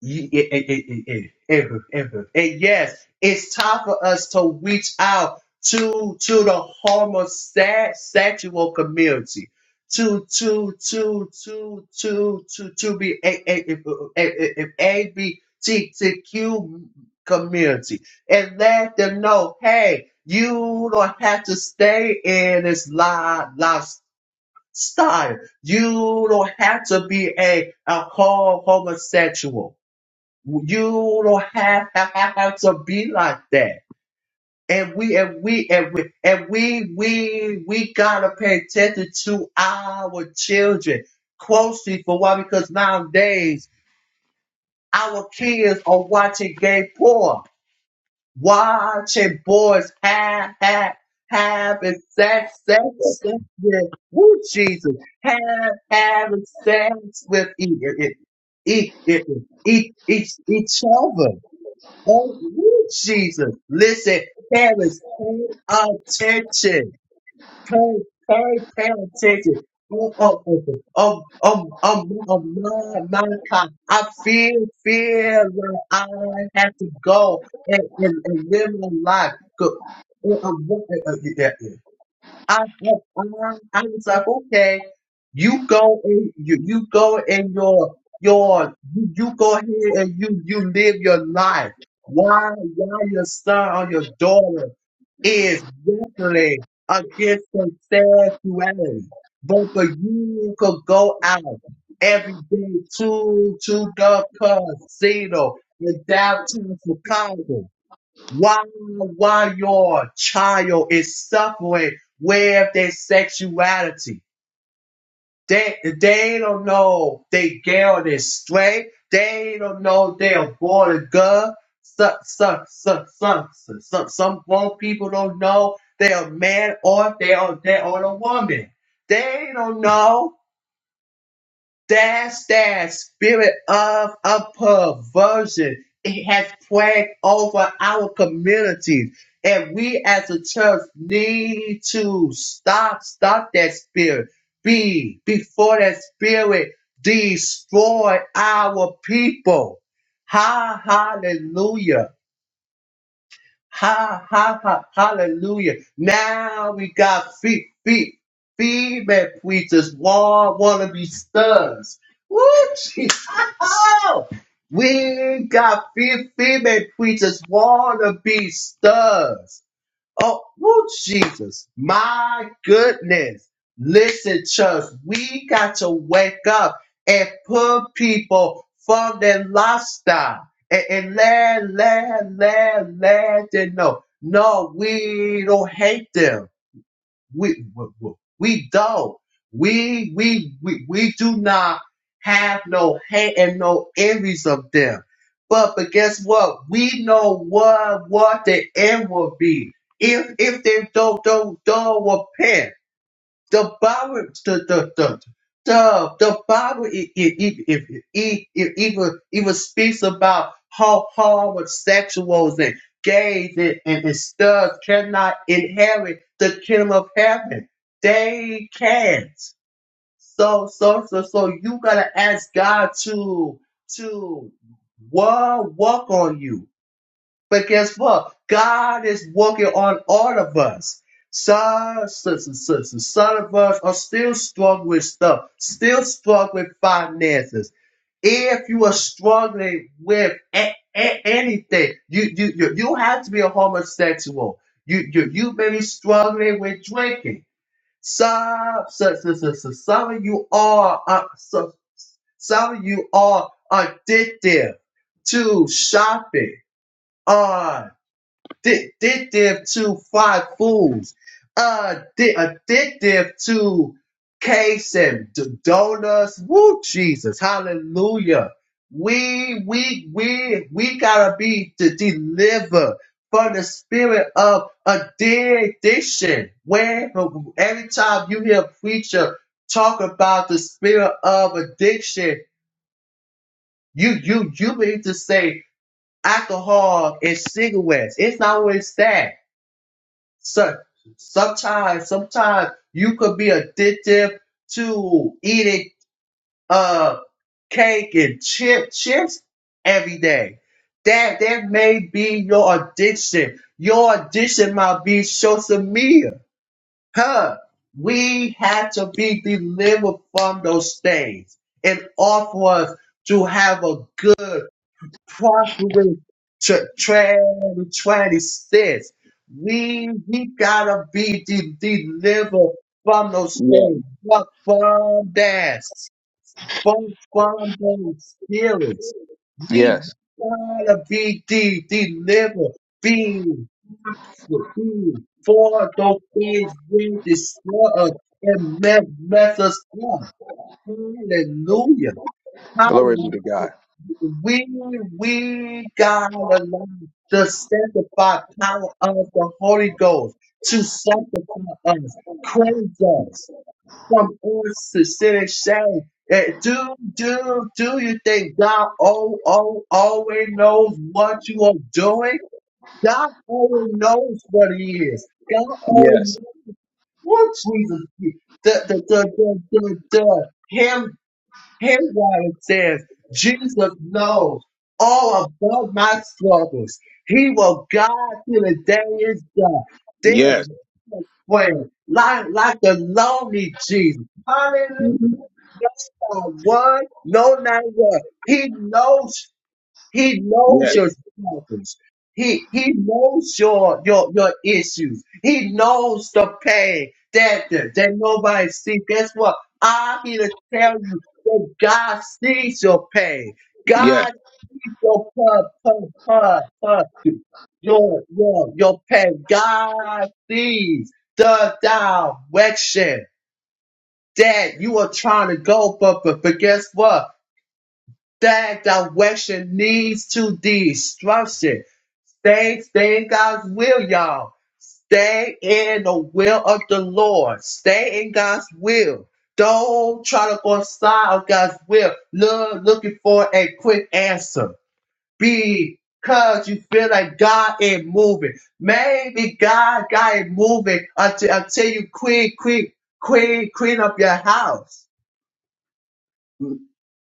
S2: Ye- eh, eh, eh, eh, eh, eh, eh, eh, eh, Yes, it's time for us to reach out to to the homosexual community, to to to to to to to be a a a a b t t q community and let them know, hey, you don't have to stay in this life lifestyle. You don't have to be a a ho- homosexual you don't have, have have to be like that. And we and we and we and we we we gotta pay attention to our children closely for why? Because nowadays our kids are watching gay porn, watching boys have have having sex sex sex with woo Jesus have having sex with each each each each each other Oh, woo, Jesus. Listen, parents, pay attention. Pay, pay, pay attention. Oh, oh, oh, oh, oh, oh, oh, oh, my, my God. I feel, feel like I have to go and, and, and live my life. Go, oh, oh, oh, oh, oh, yeah, yeah. I, I, I was like, okay, you go in, you, you go in your your you, you go ahead and you you live your life. Why why your son or your daughter is wrestling against their sexuality, but for you could go out every day to to the casino in downtown Chicago why, why your child is suffering with their sexuality? They, they don't know they girl is straight. They don't know they're born a girl. Some, some, some, some, some, some grown people don't know they're a man or they're, they're a woman. They don't know. That's that spirit of a perversion. It has plagued over our communities. And we as a church need to stop, stop that spirit. Be before that spirit destroy our people. Ha hallelujah. Ha ha ha hallelujah. Now we got feet, feet, female preachers, war wannabe studs. Woo Jesus. Oh, We got fe- female preachers, wannabe studs. Oh, woo, Jesus. My goodness. Listen, church, we got to wake up and put people from their lifestyle and, and let, let, let, let them know. No, we don't hate them we, we, we don't. We, we, we, we do not have no hate and no envies of them. But, but guess what? We know what, what the end will be. If, if they don't, don't, don't repent the power the the the the, the Bible it, it, it, it, it, it even even speaks about how homosexuals and gays and, and, and stuff cannot inherit the kingdom of heaven. They can't. So so so so you gotta ask God to to work work on you but guess what? God is working on all of us. Some, some, some, some some of us are still struggling with stuff, still struggling with finances. If you are struggling with a- a- anything, you, you you you have to be a homosexual. You you you may be struggling with drinking. Some some, some, some, some some of you are uh, some, some of you are addicted to shopping uh, addictive to fried foods, addi- addictive to cakes and d- donuts. Woo, Jesus, hallelujah. We, we, we, we gotta be to deliver from the spirit of addiction. Where every time you hear a preacher talk about the spirit of addiction, you, you, you need to say alcohol and cigarettes. It's not always that so, sometimes, sometimes you could be addictive to eating uh cake and chip chips every day. That that may be your addiction. Your addiction might be social media. Huh? We have to be delivered from those things and offer us to have a good Proverbs tw- 12, 26. We, we gotta be de- delivered from those
S1: Yes.
S2: things, but from that, from, from those spirits. We
S1: Yes.
S2: gotta be de- delivered, be, be for those things will destroy us and mess, mess us up. Hallelujah.
S1: Glory be
S2: Hallelujah.
S1: to God.
S2: We we gotta learn the sanctified power of the Holy Ghost to sanctify us, cleanse us from all sin shame. Eh, Do do do you think God oh oh always knows what you are doing? God always knows what He is. God always
S1: Yes.
S2: knows what Jesus is. The the the the the, the, here it says, Jesus knows all about my struggles. He will guide till the day is done. There's
S1: Yes.
S2: no friend like, like the lonely Jesus. Hallelujah. Not one, no, not one. He knows he knows
S1: Yes.
S2: your struggles. He he knows your your your issues. He knows the pain that that, that nobody sees. Guess what? I'm here to tell you that God sees your pain.
S1: Yes.
S2: God sees your pub, pub, pub, pub, your your your pain. God sees the direction that you are trying to go, but but, but guess what? That direction leads to destruction. Stay, stay in God's will, y'all. Stay in the will of the Lord. Stay in God's will. Don't try to go outside of God's will. Look, looking for a quick answer. Because you feel like God ain't moving. Maybe God, God ain't moving until, until you clean, clean, clean, clean up your house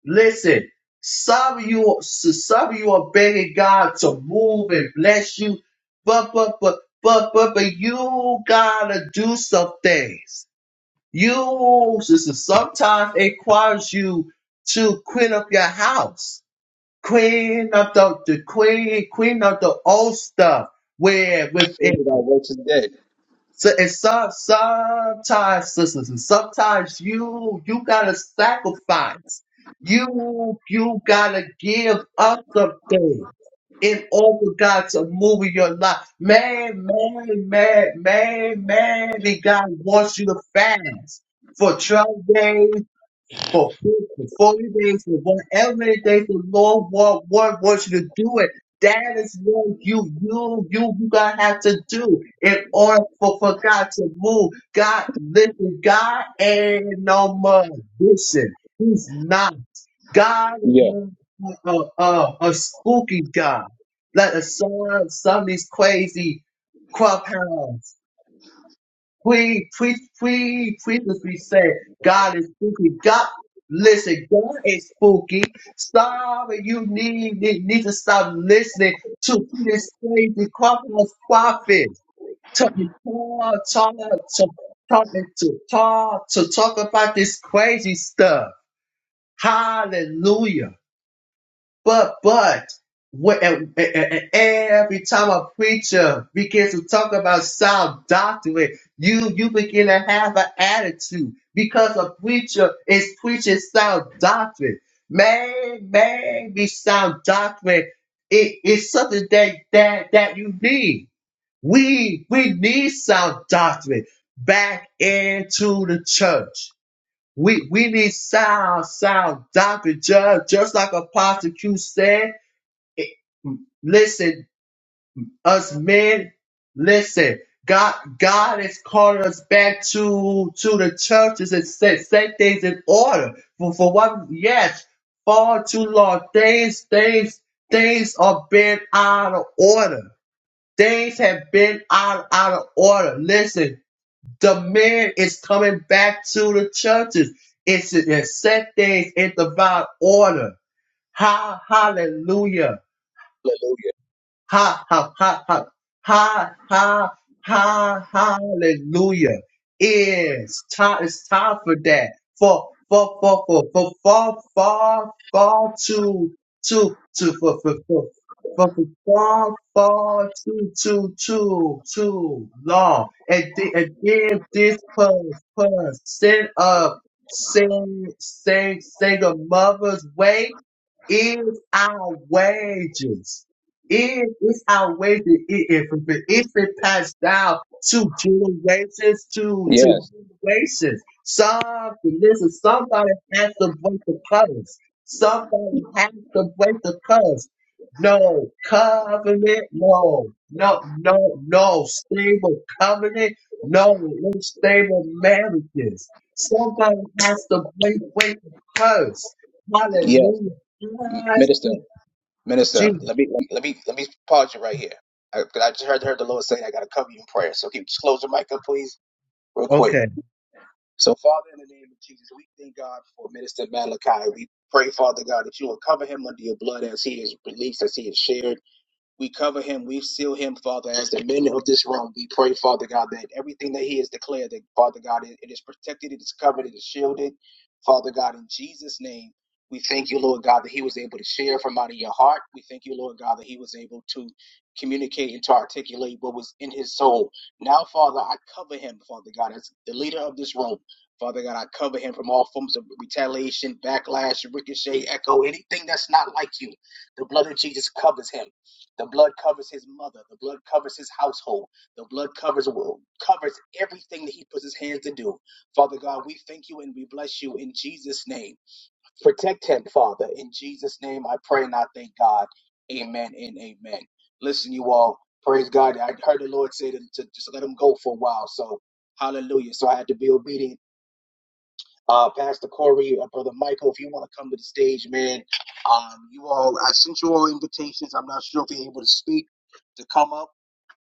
S2: Listen, some of you, some of you are begging God to move and bless you, but but but but but but you gotta do some things. You sister, sometimes it requires you to clean up your house, clean up the, the clean clean up the old stuff where
S1: Faith
S2: within.
S1: without works is dead.
S2: So, and so, sometimes, sisters, and sometimes you you gotta sacrifice. You you gotta give up something in order for God to move in your life. Man, man, man, man, man, and God wants you to fast for 12 days, for 40 days for whatever many days the Lord want, want, wants you to do it. That is what you, you, you, you gotta have to do in order for, for God to move. God, listen, God ain't no magician. He's not. God is
S1: Yeah.
S2: not a, a, a a spooky God. Like a some, some of these crazy clubhouse. Please, please, please, please let's be said. God is spooky. God, listen, God is spooky. Stop. You need, need, need to stop listening to, to this crazy crossroads prophet. Talking talk, talk, talk, talking to talk, to talk about this crazy stuff. Hallelujah. But but what, and- and- and every time a preacher begins to talk about sound doctrine, you you begin to have an attitude because a preacher is preaching sound doctrine. Man, man, this sound doctrine. It is something that that that you need. We we need sound doctrine back into the church. We we need sound sound doctrine just just like Apostle Q said listen, us men, listen. God, God is calling us back to to the churches and set set things in order. For for one, yes, far too long things things things are been out of order. Things have been out out of order. Listen, the man is coming back to the churches. It's to set things in divine order. Ha, hallelujah.
S1: Hallelujah.
S2: Ha ha ha ha ha ha ha hallelujah. It's time it's time for that. For for for for for for for for to to to for for for for for for for too too too too long. And then and then this purse purse sin of sing sing sing a mother's way is our wages. It is our way to eat If it, if it passed down to generations to, to
S1: Yes.
S2: generations, something, listen, somebody has to break the curse. Somebody has to break the curse. No covenant, no, no, no, no stable covenant, no unstable marriages. Somebody has to break, break the curse.
S1: Yes.
S2: Hallelujah.
S1: Minister.
S2: Hallelujah.
S1: Minister,
S2: Jesus.
S1: let me let me let me pause you right here. I, 'cause I just heard, heard the Lord saying I got to cover you in prayer. So can you just close your mic up, please, real quick.
S2: Okay.
S1: So, Father, in the name of Jesus, we thank God for Minister Malachi. We pray, Father God, that you will cover him under your blood as he is released, as he is shared. We cover him. We seal him, Father, as the men of this room. We pray, Father God, that everything that he has declared, that Father God, it it is protected, it is covered, it is shielded. Father God, in Jesus' name, we thank you, Lord God, that he was able to share from out of your heart. We thank you, Lord God, that he was able to communicate and to articulate what was in his soul. Now, Father, I cover him, Father God, as the leader of this room. Father God, I cover him from all forms of retaliation, backlash, ricochet, echo, anything that's not like you. The blood of Jesus covers him. The blood covers his mother. The blood covers his household. The blood covers well, covers everything that he puts his hands to do. Father God, we thank you and we bless you in Jesus' name. Protect him, Father. In Jesus' name, I pray and I thank God. Amen and amen. Listen, you all. Praise God. I heard the Lord say to, to just let him go for a while. So, hallelujah. So I had to be obedient uh, Pastor Corey, uh, Brother Michael, if you want to come to the stage, man, um, you all, I sent you all invitations. I'm not sure if you're able to speak to come up,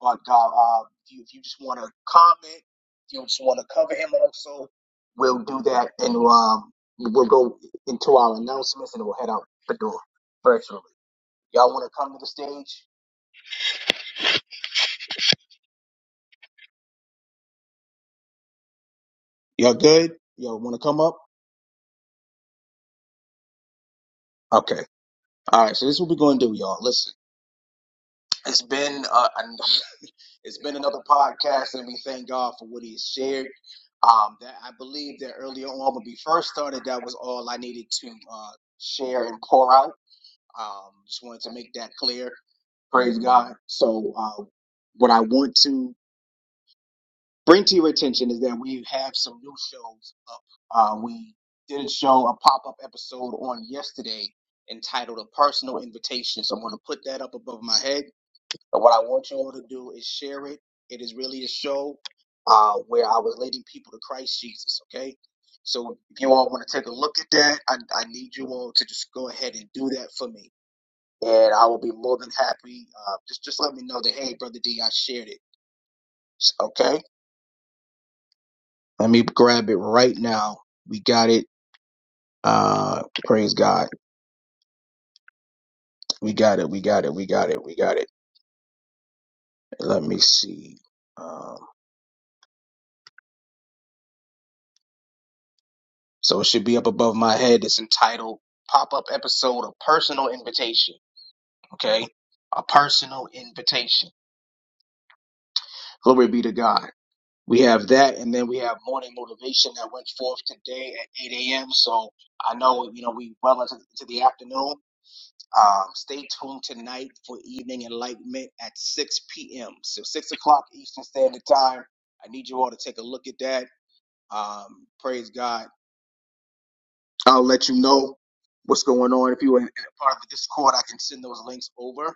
S1: but God, uh, if you, if you just want to comment, if you just want to cover him also, we'll do that and um, we'll go into our announcements and we'll head out the door virtually. Y'all want to come to the stage? Y'all good? Y'all want to come up? Okay. All right. So this is what we're going to do, y'all. Listen, it's been uh, It's been another podcast, and we thank God for what He has shared. Um, that I believe that earlier on when we first started, that was all I needed to uh, share and pour out. Um, just wanted to make that clear. Praise God. So uh, when I want to, my head is real where I was led Okay, if you want to look at that, I, for me, more than happy. Okay, a personal invitation. Glory be to God. We have that, and then we have morning motivation that went forth today at 8 a.m. So I know you know we well into, into the afternoon. Um, stay tuned tonight for evening enlightenment at 6 p.m. So six o'clock Eastern Standard Time. I need you all to take a look at that. Um, praise God. I'll let you know what's going on. If you are part of the Discord, I can send those links over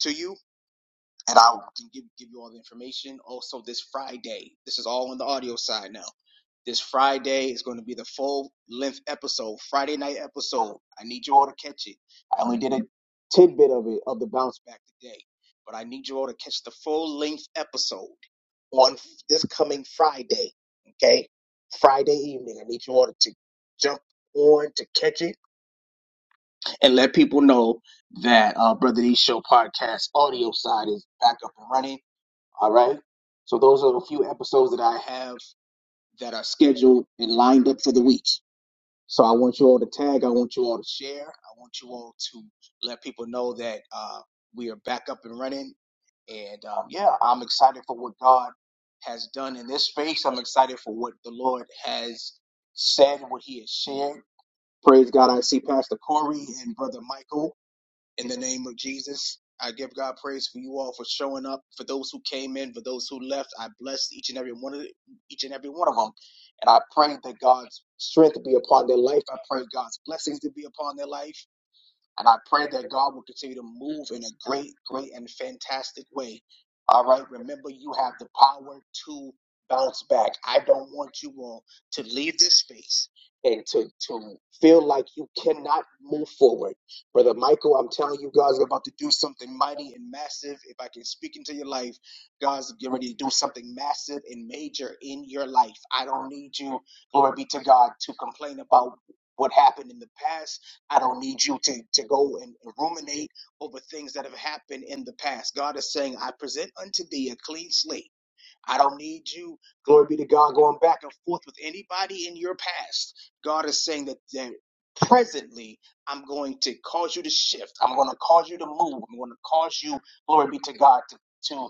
S1: to you, and I can give give you all the information. Also, this Friday, this is all on the audio side now. This Friday is going to be the full length episode, Friday night episode. I need you all to catch it. I only did a tidbit of it of the bounce back today, but I need you all to catch the full length episode on this coming Friday. Okay, Friday evening. I need you all to jump on to catch it and let people know that uh, Brother D Show podcast audio side is back up and running. All right. So those are the few episodes that I have that are scheduled and lined up for the week. So I want you all to tag. I want you all to share. I want you all to let people know that uh, we are back up and running. And um, yeah, I'm excited for what God has done in this space. I'm excited for what the Lord has said, what He has shared. Praise God. I see Pastor Corey and Brother Michael in the name of Jesus. I give God praise for you all for showing up, for those who came in, for those who left. I bless each and every one of each and every one of them, and I pray that God's strength be upon their life. I pray God's blessings to be upon their life. And I pray that God will continue to move in a great, great, and fantastic way. All right. Remember, you have the power to bounce back. I don't want you all to leave this space and to, to feel like you cannot move forward. Brother Michael, I'm telling you, God's about to do something mighty and massive. If I can speak into your life, God's getting ready to do something massive and major in your life. I don't need you, glory be to God, to complain about what happened in the past. I don't need you to, to go and ruminate over things that have happened in the past. God is saying, I present unto thee a clean slate I don't need you, glory be to God, going back and forth with anybody in your past. God is saying that, that presently, I'm going to cause you to shift. I'm going to cause you to move. I'm going to cause you, glory be to God, to, to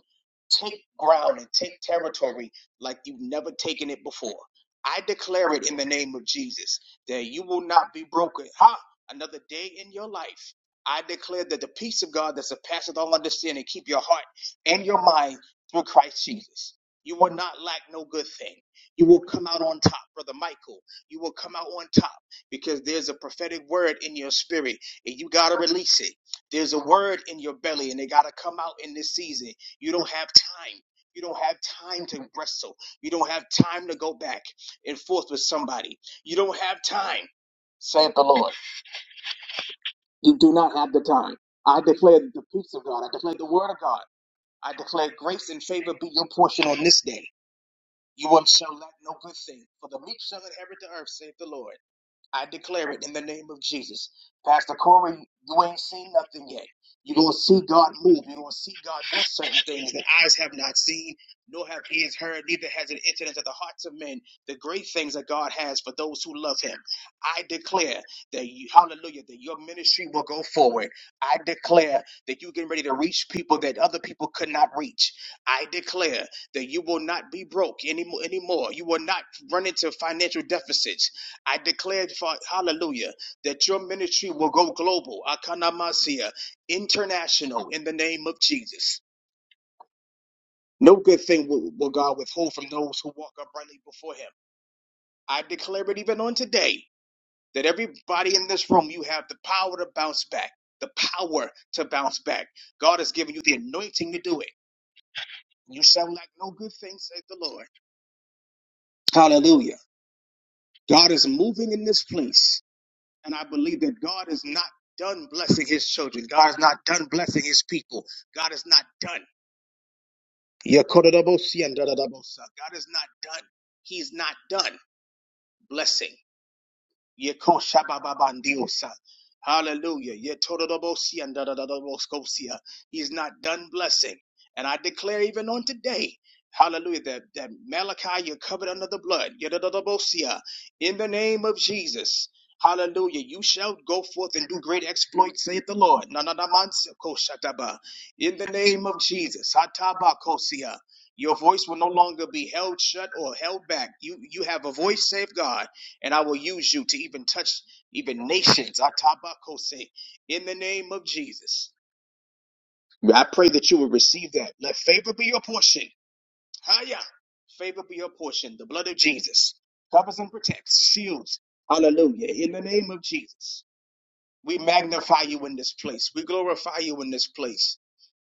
S1: take ground and take territory like you've never taken it before. I declare it in the name of Jesus that you will not be broken. Ha! Another day in your life. I declare that the peace of God that surpasses all understanding keep your heart and your mind through Christ Jesus. You will not lack no good thing. You will come out on top, Brother Michael. You will come out on top because there's a prophetic word in your spirit and you got to release it. There's a word in your belly and it got to come out in this season. You don't have time. You don't have time to wrestle. You don't have time to go back and forth with somebody. You don't have time, saith the Lord. You do not have the time. I declare the peace of God. I declare the word of God. I declare grace and favor be your portion on this day. You will shall lack no good thing. For the meek shall inherit the earth, saith the Lord. I declare it in the name of Jesus. Pastor Corey, you ain't seen nothing yet. You're going to see God move. You're going to see God do certain things that eyes have not seen, nor have ears heard, neither has it entered into the hearts of men. The great things that God has for those who love Him. I declare that, you, hallelujah, that your ministry will go forward. I declare that you getting ready to reach people that other people could not reach. I declare that you will not be broke anymore. anymore. You will not run into financial deficits I declare, for hallelujah, that your ministry will go global, akanamasia, international, in the name of Jesus. No good thing will, will God withhold from those who walk uprightly before him. I declare it even on today that everybody in this room, you have the power to bounce back, the power to bounce back. God has given you the anointing to do it. You sound like no good thing, said the Lord. Hallelujah. God is moving in this place. And I believe that God is not done blessing his children. God is not done blessing his people. God is not done. God is not done. He's not done blessing. Yekoshabababandiosa. Hallelujah. Yetododobosia and dadadadaboskosia. He's not done blessing. And I declare even on today, hallelujah, that, that Malachi, you're covered under the blood. Yedododobosia. In the name of Jesus. Hallelujah. You shall go forth and do great exploits, saith the Lord. Nananamansikoshataba. In the name of Jesus. Hatabakosia. Your voice will no longer be held shut or held back. You you have a voice, save God and I will use you to even touch even nations. Atabakose. In the name of Jesus, I pray that you will receive that. Let favor be your portion. Haya. Favor be your portion. The blood of Jesus covers and protects, shields. Hallelujah. In the name of Jesus, we magnify you in this place. We glorify you in this place.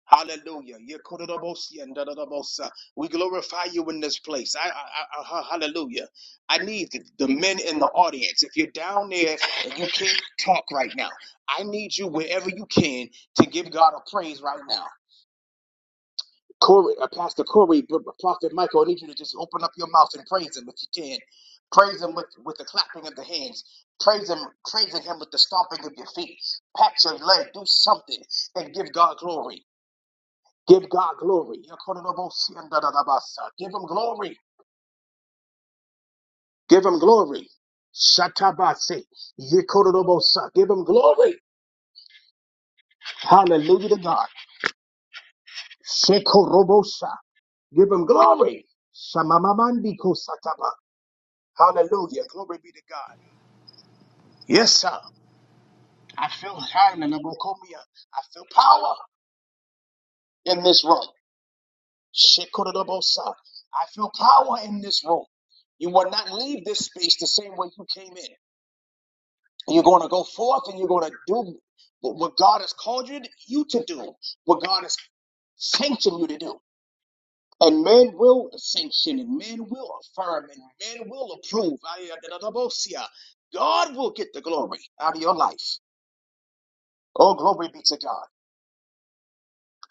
S1: Hallelujah. Yekodorobosi and dadadabosa. We glorify you in this place. I, I, I, I- hallelujah. I need the the men in the audience. If you're down there and you can't talk right now, I need you wherever you can to give God a praise right now. Corey, uh, Pastor Corey, P- P- Prophet Michael, I need you to just open up your mouth and praise him if you can. Praise him with, with the clapping of the hands. Praise him, praising him with the stomping of your feet. Pat your leg, do something and give God glory. Give God glory. Yakorobosiandadadabasa. Give him glory. Give him glory. Shatabase. Yekorobosa. Give him glory. Hallelujah to God. Shekorobosa. Give him glory. Shamamamandiko sataba. Hallelujah. Glory be to God. Yes, sir. I feel high in the Bokomia. I feel power in this room. Shekorobosa. I feel power in this room. You will not leave this space the same way you came in. You're going to go forth and you're going to do what God has called you to, you to do, what God has sanctioned you to do. And men will sanction and men will affirm and men will approve. ah. God will get the glory out of your life. Oh, glory be to God.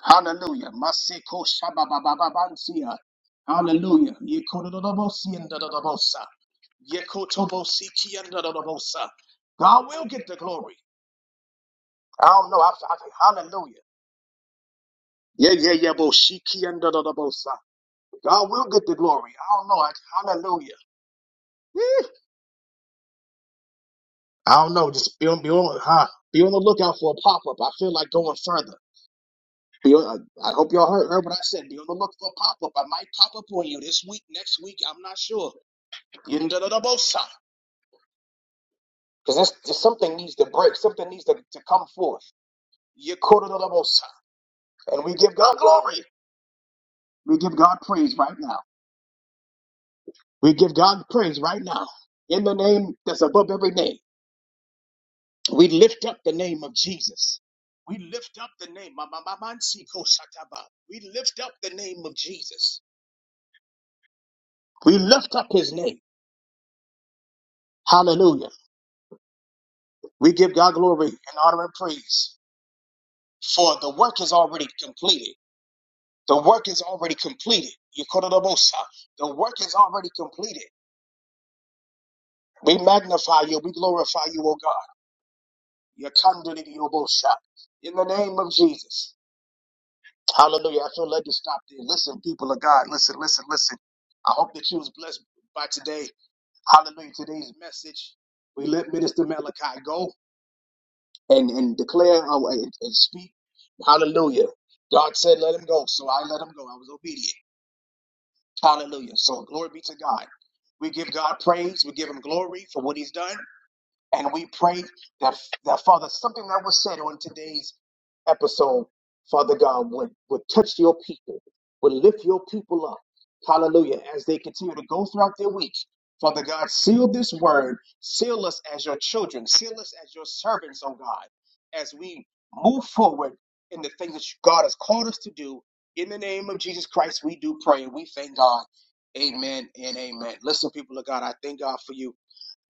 S1: Hallelujah. Masiko shaba ah. Hallelujah. Yeko and da, da, ki, and da, God will get the glory. I don't know. I, I, hallelujah. Yeah, yeah, yeah, Boshiki and da da da bosa. God will get the glory. I don't know. I, hallelujah. Eh, I don't know. Just be on, be on, huh? Be on the lookout for a pop up. I feel like going further. Be on, I, I hope y'all heard, heard what I said. Be on the look for a pop up. I might pop up on you this week, next week. I'm not sure. You da da da bosa. Because that's just something needs to break. Something needs to, to come forth. You da da da bosa. And we give God glory. We give God praise right now. We give God praise right now. In the name that's above every name. We lift up the name of Jesus. We lift up the name. Ma- ma- ma- man, si, ko, sa, We lift up the name of Jesus. We lift up his name. Hallelujah. We give God glory and honor and praise. For the work is already completed. The work is already completed. You call it a bosa. The work is already completed. We magnify you. We glorify you, O God. You come to the bosa. In the name of Jesus. Hallelujah. I feel led to stop there. Listen, people of God, listen, listen, listen. I hope that you was blessed by today. Hallelujah. Today's message. We let Minister Malachi go and, and declare uh, and, and speak. Hallelujah. God said, let him go. So I let him go. I was obedient. Hallelujah. So glory be to God. We give God praise. We give him glory for what he's done. And we pray that, that Father, something that was said on today's episode, Father God, would, would touch your people, would lift your people up. Hallelujah. As they continue to go throughout their week, Father God, seal this word, seal us as your children, seal us as your servants, oh God, as we move forward in the things that you- God has called us to do. In the name of Jesus Christ, we do pray and we thank God. Amen and amen. Listen, people of God, I thank God for you.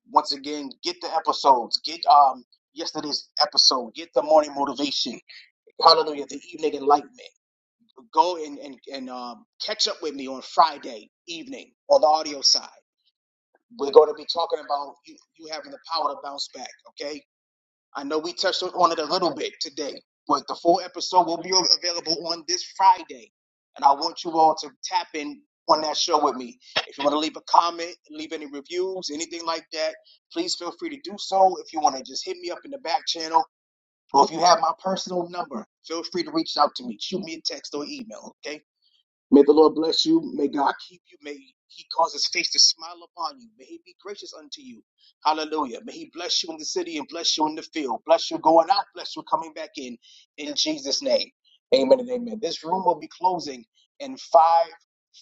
S1: Once again, get the episodes. Get um yesterday's episode. Get the morning motivation. Hallelujah. The evening enlightenment. Go and and, and um, catch up with me on Friday evening on the audio side. We're going to be talking about you, you having the power to bounce back. Okay. I know we touched on it a little bit today, but the full episode will be available on this Friday. And I want you all to tap in on that show with me. If you want to leave a comment, leave any reviews, anything like that, please feel free to do so. If you want to just hit me up in the back channel, or if you have my personal number, feel free to reach out to me. Shoot me a text or email, okay? May the Lord bless you. May God keep you. May He cause His face to smile upon you. May He be gracious unto you. Hallelujah. May He bless you in the city and bless you in the field. Bless you going out. Bless you coming back in. In Jesus' name. Amen and amen. This room will be closing in five,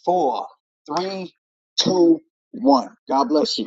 S1: four, three, two, one. God bless you.